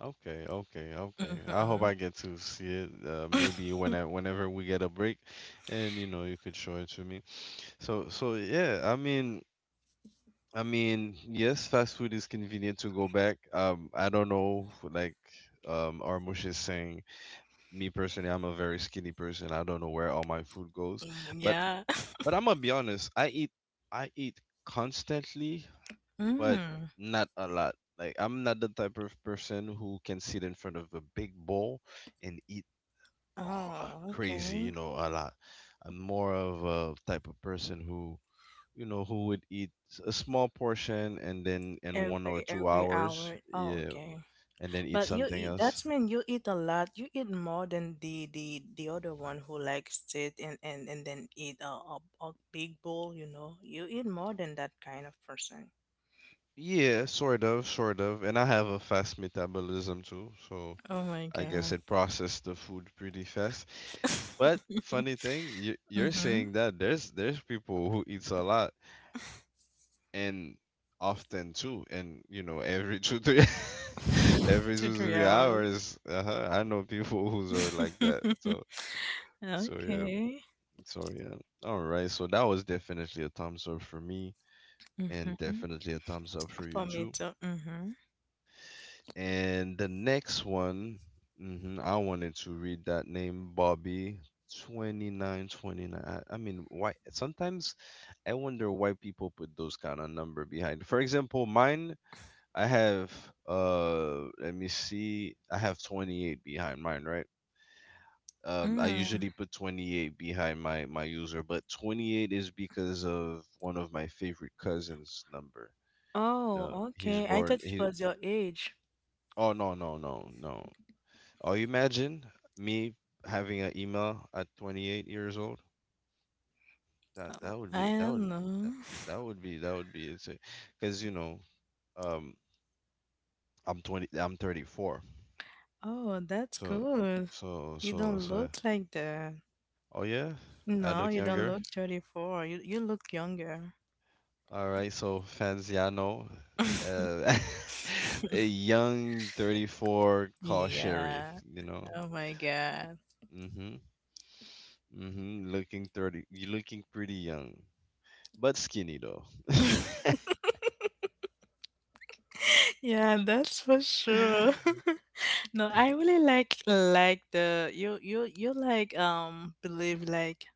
Okay, okay, okay. I hope
Mm-hmm.
I get to see it. Uh, maybe when I, whenever we get a break, and you know, you could show it to me. So, so yeah. I mean, I mean, yes, fast food is convenient to go back. Um, I don't know, like, um, Armush is saying. Me personally, I'm a very skinny person. I don't know where all my food goes, but
Yeah.
but I'm gonna be honest. I eat I eat constantly, but
Mm.
not a lot. Like I'm not the type of person who can sit in front of a big bowl and eat, oh,
Oh,
crazy,
okay.
you know, a lot. I'm more of a type of person who, you know, who would eat a small portion and then in one or
Every
two
every
hours,
hour. Oh,
yeah,
okay.
and then eat
But you
something
eat,
else.
that's mean you eat a lot. You eat more than the the the other one who like sit and and and then eat a, a a big bowl. You know, you eat more than that kind of person.
Yeah, sort of, sort of. And I have a fast metabolism too, so
Oh my
I guess
God.
it processes the food pretty fast. But funny thing, you, you're
Mhm.
saying that there's there's people who eats a lot and often too, and you know every two three every
Two
two
three
three
hours.
hours. Uh-huh, I know people who's are like that. So so yeah,
Okay.
so yeah. All right, so that was definitely a thumbs up for me, and
Mhm.
definitely a thumbs up for you
For me
too.
too. Mhm.
And the next one, mhm, I wanted to read that name, Bobby. twenty-nine twenty-nine. I, I mean, why? Sometimes I wonder why people put those kind of number behind. For example, mine, I have, uh, let me see, I have twenty-eight behind mine, right? Um, I
Mm.
usually put twenty-eight behind my, my user, but twenty-eight is because of one of my favorite cousins' number. You know,
Oh,
he's
okay. I
born,
thought it
he,
was your age.
oh, no, no, no, no. Oh, you imagine me having an email at twenty-eight years old? That
Oh,
that would
I
be that would
don't
be
know.
that, that would be that would be insane. Because you know, um, I'm twenty, I'm thirty-four.
Oh, that's
So,
good.
so,
You
so,
don't
so.
look like that.
Oh yeah, I
No,
look
you don't
younger.
look thirty-four. You you look younger.
All right, so fans, yeah, know, uh, a young thirty-four call Sherry.
Yeah.
You know,
Oh my God.
mm-hmm, mm-hmm, looking thirty, you looking pretty young, but skinny though.
Yeah, that's for sure. No, I really like like the you you you like um believe like,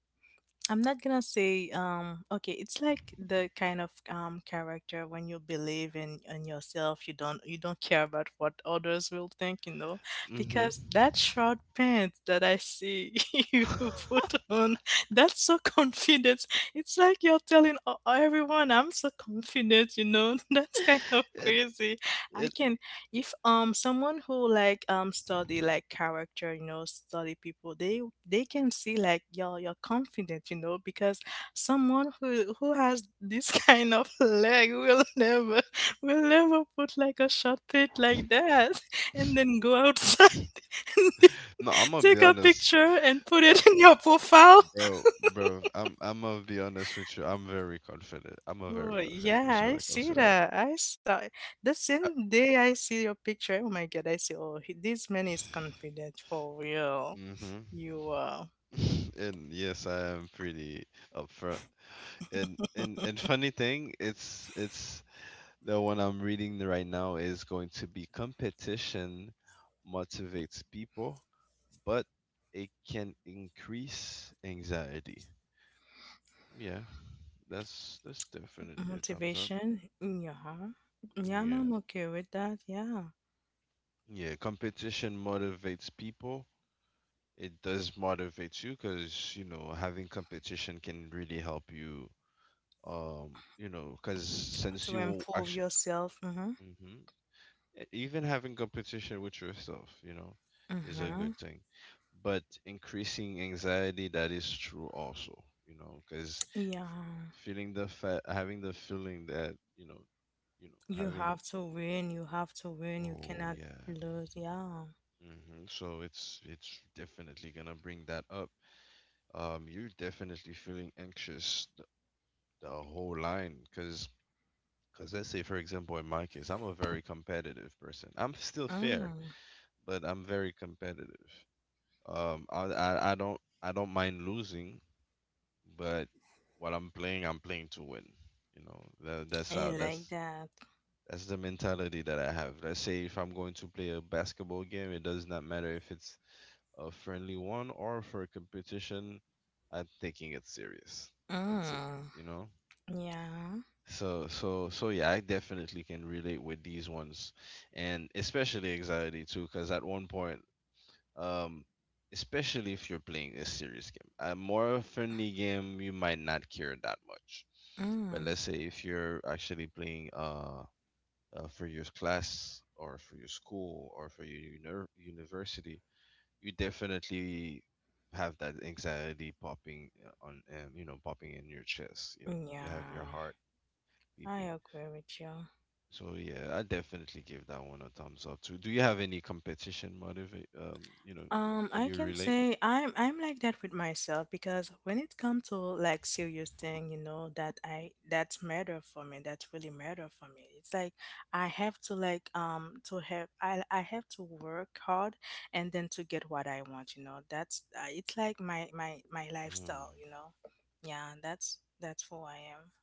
I'm not gonna say um okay, it's like the kind of um character when you believe in in yourself, you don't you don't care about what others will think, you know,
Mm-hmm.
because that short pants that I see you put on, that's so confident. It's like you're telling o- everyone, I'm so confident, you know. That's kind of
it
crazy. I
it
can, if um someone who like um study like character, you know, study people, they they can see like you're you're confident, you know, because someone who who has this kind of leg will never, will never put like a short pit like that and then go outside and then
No, I'm gonna be
take a
honest,
picture and put
uh,
it in your profile.
bro, bro. I'm I'm gonna be honest with you. I'm very confident. I'm a
Oh,
very confident
yeah,
person
I
when it comes
see
to that.
that. I saw it. The
I,
same day I see your picture. Oh my God, I see. Oh, he, this man is confident for real.
mm-hmm.
You uh,
And yes, I am pretty upfront. And and and funny thing, it's it's the one I'm reading right now is going to be competition motivates people, but it can increase anxiety. Yeah, that's that's definitely a thumbs up.
motivation in your heart.
Mm,
Yeah,
yeah,
I'm okay with that. Yeah,
yeah. Competition motivates people. It does motivate you because you know having competition can really help you. Um, you know, because since
to
you will
improve
actually,
yourself. Mm-hmm.
hmm even having competition with yourself, you know, is a
Mm-hmm.
good thing. But increasing anxiety, that is true also. You know, because
Yeah,
feeling the fa- having the feeling that you know, you know,
you
having.
have to win. You have to win. You
Oh
cannot
yeah.
lose. Yeah.
hmm So it's it's definitely gonna bring that up. Um, you're definitely feeling anxious the, the whole line, because because let's say for example in my case, I'm a very competitive person. I'm still fair,
Mm.
but I'm very competitive. Um, I I, I don't I don't mind losing, but while I'm playing, I'm playing to win. You know, that, that's
I
how
like
that's
that.
that's the mentality that I have. Let's say if I'm going to play a basketball game, it does not matter if it's a friendly one or for a competition. I'm taking it serious. that's it
Mm.
you know
Yeah.
so so so yeah, I definitely can relate with these ones, and especially anxiety too, because at one point, um especially if you're playing a serious game, a more friendly game you might not care that much. But
Mm.
let's say if you're actually playing uh, uh for your class or for your school or for your uni- university, you definitely have that anxiety popping uh, on um, you know popping in your chest. You know you have your
Yeah.
heart
I
beeping.
agree with you.
So yeah, I definitely give that one a thumbs up too. Do you have any competition motivate um you know
Um,
Can
I
you
can
relate?
say I'm I'm like that with myself because when it comes to like serious thing, you know, that I that's matter for me. That's really matter for me. It's like I have to like um to have I I have to work hard and then to get what I want. You know, that's uh, it's like my my my
Mm.
lifestyle. You know, yeah, that's that's who I am.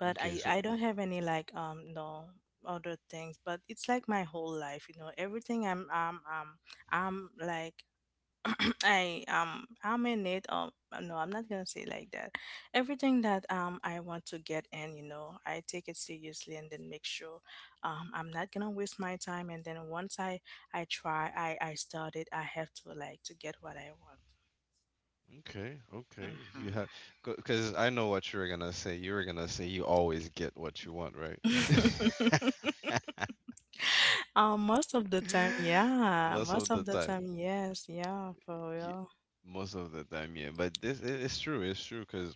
But
Okay,
I
so,
I don't have any like um no other things, but it's like my whole life, you know, everything I'm um um I'm like I um I'm in it um No, I'm not gonna say like that, everything that um I want to get in, you know, I take it seriously and then make sure um I'm not gonna waste my time, and then once I I try I I start it, I have to like to get what I want.
okay, okay, you have. Because I know what you were gonna say you were gonna say you always get what you want, right?
Hmm. Um, most of the time, yeah.
Most
Most
of the
of the
time.
time, yes, yeah, for
Ye-
real.
Most of the time, yeah. But this it- it's true, it's true, 'cause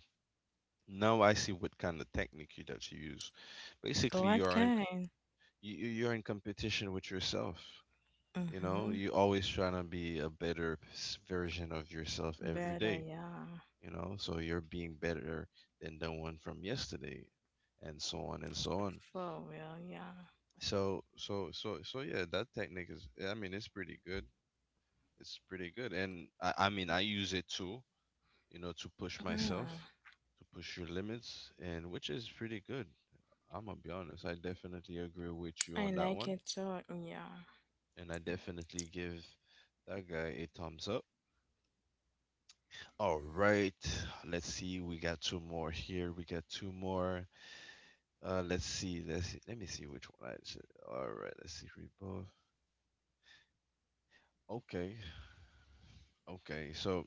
now I see what kind of technique you- that you use. Basically,
What
you're in
kind?
you, you- are in competition with yourself. You know,
Mm-hmm.
you always trying to be a better s- version of yourself every
Better,
day.
yeah.
You know, so you're being better than the one from yesterday, and so on and so on.
For real, yeah.
So so so so yeah, that technique is. I mean, it's pretty good. It's pretty good, and I, I mean, I use it too. You know, to push
Mm,
myself, to push your limits, and which is pretty good. I'm gonna be honest. I definitely agree with you
I
on that
like
one,
it too, yeah.
and I definitely give that guy a thumbs up. All right, let's see. We got two more here. We got two more. Uh, let's see. Let's see. let me see which one I said. All right, let's see. Rebuff. Okay, okay. So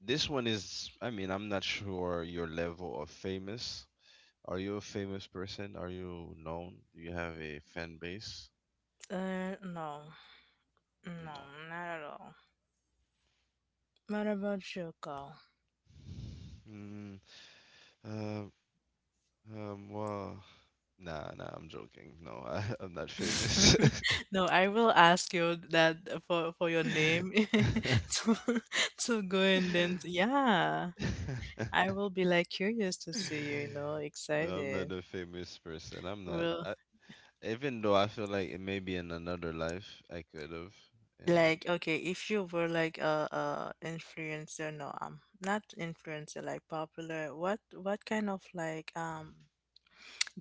this one is. I mean, I'm not sure your level of famous. Are you a famous person? Are you known? Do you have a fan base?
Uh, no, no,
No.
not at all. What about you, Carl?
Mm, uh, um, well, nah, nah, I'm joking. No, I, I'm not famous.
No, I will ask you that for for your name to to go and then yeah. I will be like curious to see you, you know,
No, I'm not
excited.
a famous person. I'm not.
Well,
I, even though I feel like it may be in another life, I could have, you know.
like, okay, if you were like a, a influencer, no, um, not influencer, like popular, what what kind of like um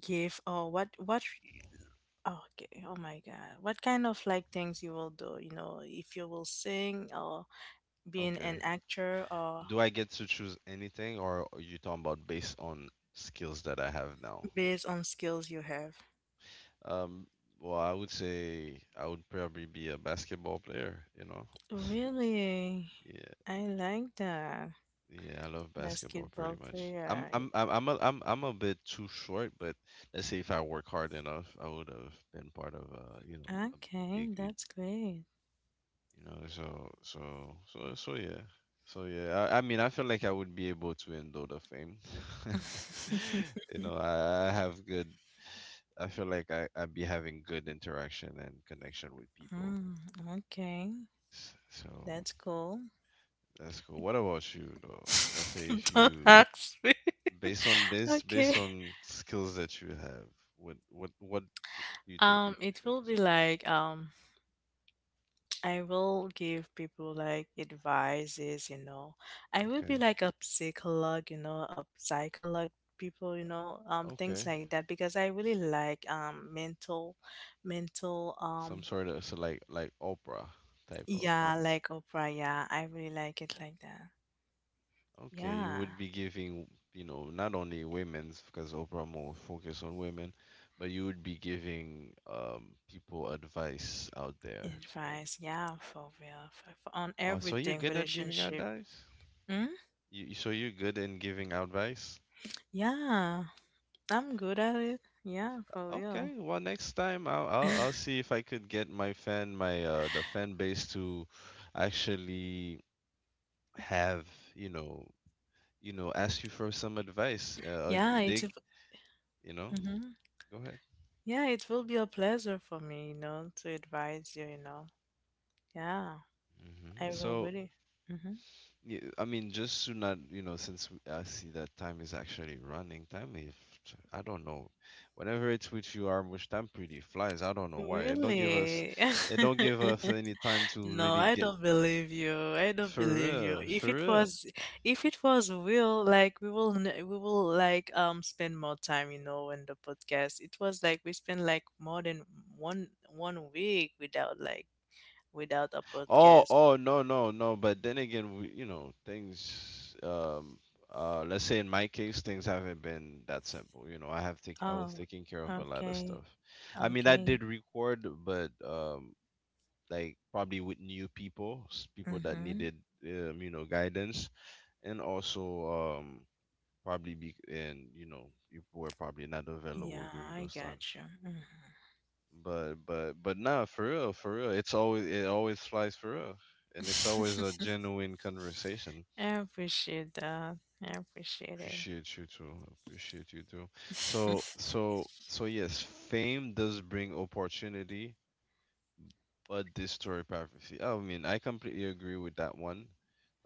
gift or what what oh, okay, oh my God, what kind of like things you will do, you know, if you will sing or being
Okay.
an actor or
Do I get to choose anything, or are you talking about based on skills that I have now?
based on skills you have.
Um, well, I would say I would probably be a basketball player, you know.
Really?
Yeah.
I like that.
Yeah, I love basketball pretty
Basketball
much. I'm I'm
player.
I'm I'm a, I'm I'm a bit too short, but let's say if I work hard enough, I would have been part of a you know a
Okay,
big league.
that's great.
You know, so so so so yeah, so yeah. I, I mean, I feel like I would be able to endure the fame. You know, I, I have good. I feel like I I'd be having good interaction and connection with people.
Mm, okay.
S- So
That's cool.
that's cool. What about you though? Let's say if
Don't
you
ask me.
Based on based
Okay.
based on skills that you have, what what what do you think
Um,
you'd be
it will
famous
be like um, I will give people like advices, you know. I will be
on?
like a psychologue, you know, a psychologue people, you know, um,
Okay.
things
Okay.
like that because I really like um mental, mental um,
Some sort of so like like Oprah type of.
yeah, like Oprah, yeah, I really like it like that.
Okay, you
Yeah,
would be giving, you know, not only women's because Oprah more focus on women, but you would be giving um people advice out there. And
advice, yeah, for real, for, for on
oh, so you're
everything
good at giving
relationship.
advice?
Mm?
You so you're good in giving advice?
Yeah. I'm good at it. Yeah, for real.
Okay, well, next time I'll, I'll I'll see if I could get my fan my uh the fan base to actually have, you know, you know, ask you for some advice. Uh, like,
Yeah, it's.
they, you know,
mm
go ahead.
Yeah, it will be a pleasure for me, you know, to advise you, you know. Yeah,
hmm
I will
So,
really. Hmm.
yeah, I mean, just to not, you know, since we- I see that time is actually running, time if I don't know, whenever it's with you, Armush, time pretty flies. I don't know why. It don't give us,
Really?
it don't give us any time to
No,
really
I
get
don't believe you. I don't
for
believe you.
real,
If
for
it
real.
was, if it was real, like we will, n- we will like um spend more time, you know, in the podcast. It was like we spent like more than one one week without like without a
Oh,
podcast.
oh, no, no, no. But then again, we, you know, things. Um, uh, let's say in my case, things haven't been that simple. You know, I have to. I was
Oh,
taking care of a lot of
okay.
stuff. I mean, I
Okay.
did record, but um, like probably with new people, s- people that
Mm-hmm.
needed, um, you know, guidance, and also um, probably be and you know, people were probably not available
Yeah,
during
I
those
got
times.
you.
But but but nah, for real, for real. It's always it always flies for real, and it's always a
Mhm.
genuine conversation.
I appreciate that. I appreciate
Appreciate you too. Appreciate you too.
it.
So so so yes, fame does bring opportunity, but destroy privacy. I mean, I completely agree with that one.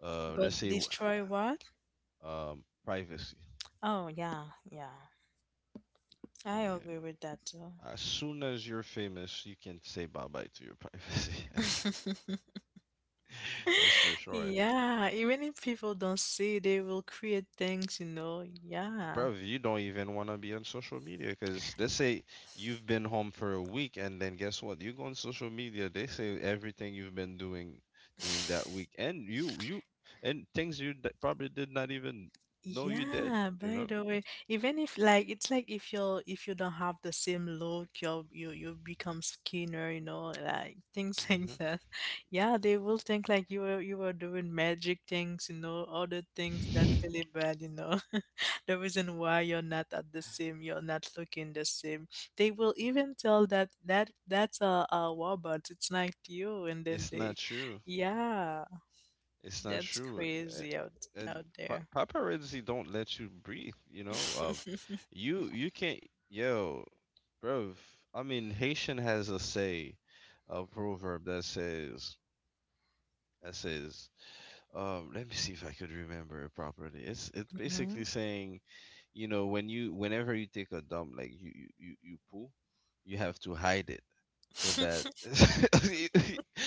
Uh, let's
But
say
destroy what?
um privacy.
Oh, yeah, yeah. I
Yeah.
agree with that too.
As soon as you're famous, you can say bye bye to your privacy. That's for sure.
Yeah, even if people don't see, they will create things, you know. Yeah.
Bro, you don't even want to be on social media because let's say you've been home for a week and then guess what? You go on social media, they say everything you've been doing during that week, and you you and things you d- probably did not even know you did,
Yeah,
you
by
know?
the way, even if like it's like if you're if you don't have the same look, you'll you you become skinner, you know, like things like that. Yeah, they will think like you were you were doing magic things, you know, other things that
hmm
really bad, you know. The reason why you're not at the same, you're not looking the same. They will even tell that that that's a, a robot, it's not you, and then
It's
they,
not true.
yeah,
It's not
that's
true. Uh,
crazy out
And
out
pa-
there.
paparazzi don't let you breathe, you know? Um, you you can't, yo, bro. I mean, Haitian has a say, a proverb that says that says, um, let me see if I could remember it properly. It's it's basically
Mhm.
saying, you know, when you whenever you take a dump, like you you you, you poo, you have to hide it so that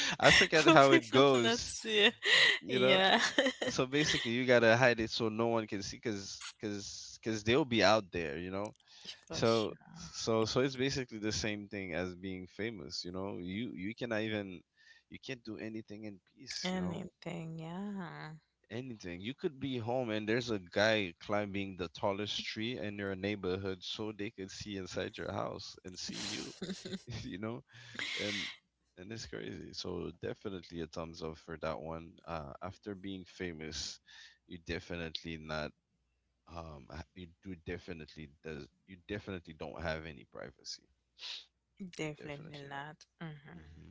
I forget how
Probably
it
does not
goes,
it.
you know?
Yeah.
So basically you gotta hide it so no one can see, because because because they'll be out there you know
For
so
sure.
so so it's basically the same thing as being famous. You know you you cannot even, you can't do anything in peace. you know
Anything, yeah.
anything you could be home, and there's a guy climbing the tallest tree in your neighborhood so they could see inside your house and see you. You know. And and it's crazy, so definitely a thumbs up for that one. Uh after being famous, you definitely not. um I- you do definitely does you definitely don't have any privacy. You
Definitely
definitely not.
not. Hmm.
hmm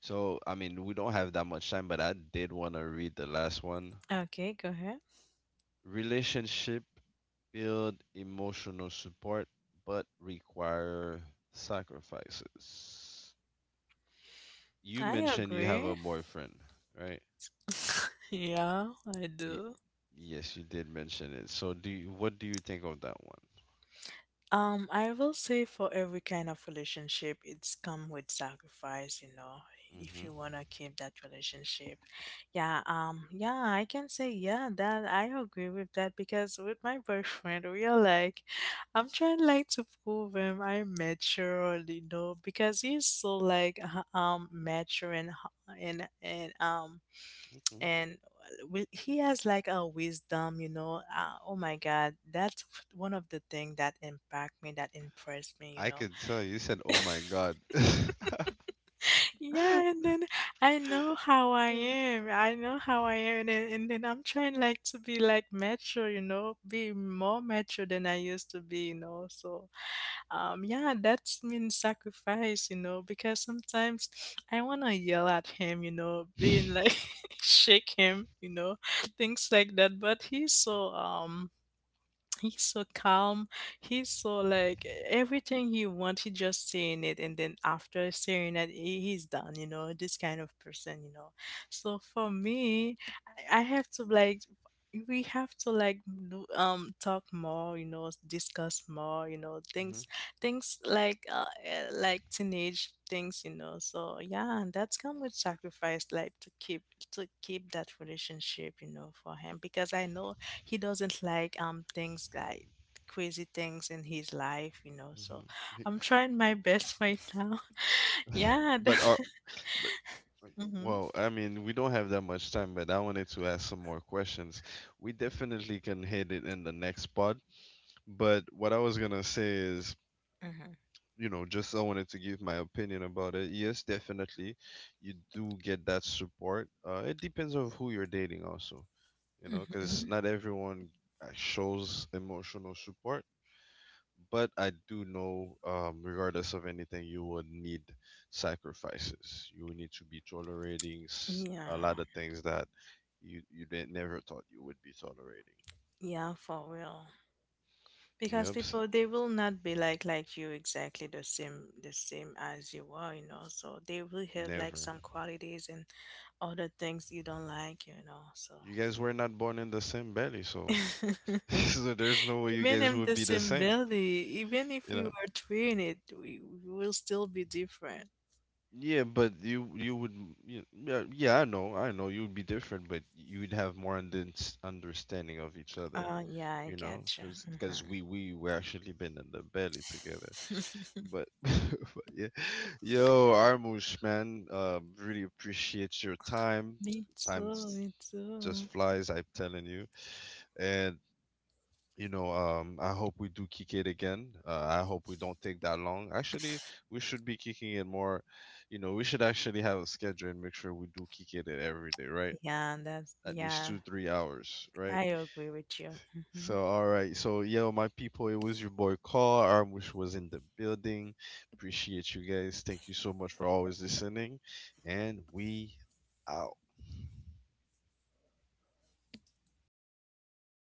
so I mean, we don't have that much time, but I did want to read the last one.
Okay, go ahead.
Relationship build emotional support but require sacrifices. You
I
mentioned you have a
agree.
boyfriend, right?
Yeah, I
y-
do.
yes you did mention it. So, do you, what do you think of that one?
Um, I will say for every kind of relationship, it's come with sacrifice, you know, if
hmm
you want to keep that relationship. Yeah, um, yeah, I can say, yeah, that I agree with that because with my boyfriend, we are like, I'm trying like to prove him I'm mature, you know, because he's so like, uh, um, mature and, h- and, and, um,
okay.
and wi- he has like a wisdom, you know. Uh, oh my God, that's one of the thing that impact me that impressed me, you
I
know.
could tell, you said oh my god.
Yeah, and then I know how I am. I know how I am, and then, and then I'm trying like to be like mature, you know, be more mature than I used to be, you know. So, um, yeah, that's mean sacrifice, you know, because sometimes I wanna yell at him, you know,
Mhm,
being like shake him, you know, things like that. But he's so um he's so calm. He's so like everything he wants, he just saying it, and then after saying it, he, he's done. You know, this kind of person. You know, so for me, I, I have to like, we have to like do, um talk more, you know, discuss more, you know, things, things like uh, uh, like teenage things, you know. So yeah, and that's come with sacrifice, like to keep to keep that relationship, you know, for him, because I know he doesn't like um things like crazy things in his life, you know. So
mhm.
I'm trying my best right now. Yeah.
But are but
Mm-hmm.
well, I mean, we don't have that much time, but I wanted to ask some more questions. We definitely can hit it in the next pod, but what I was gonna say is,
Mm-hmm.
you know, just I wanted to give my opinion about it. Yes, definitely, you do get that support. Uh, it depends on who you're dating also, you know,
Mm-hmm.
because not everyone uh, shows emotional support. But I do know, um, regardless of anything, you would need sacrifices. You would need to be tolerating s-
Yeah.
a lot of things that you you didn't never thought you would be tolerating.
Yeah, for real. Because
Yep, s-
people they will not be like like you exactly the same the same as you are, you know. So they will have like
never.
some qualities and other things you don't like, you know.
You guys were not born in the same belly,
So
so so there's no way you
even
guys
in
would
the
be the same.
simility, even if
You
we
know.
were twin, it we, we will still be different.
Yeah, but you you would m- y- yeah, yeah, I know I know you would be different, but you would have more undens- understanding of each other,
Uh, yeah, I
you know,
gotcha.
because because we we were actually been in the belly together.
Mm-hmm.
But, but yeah, yo Armush man, uh, really appreciate your time.
Me
Time
too,
s-
me too.
just flies, I'm telling you. And you know, um, I hope we do kick it again. Uh, I hope we don't take that long. Actually, we should be kicking it more. You know, we should actually have a schedule and make sure we do kick it every day, right?
Yeah, that's
At least
yeah.
two, three hours,
I
right?
agree with you. Mhm.
So, all right. So, yo, my people, it was your boy Carl. Armwish was in the building. Appreciate you guys. Thank you so much for always listening. And we out.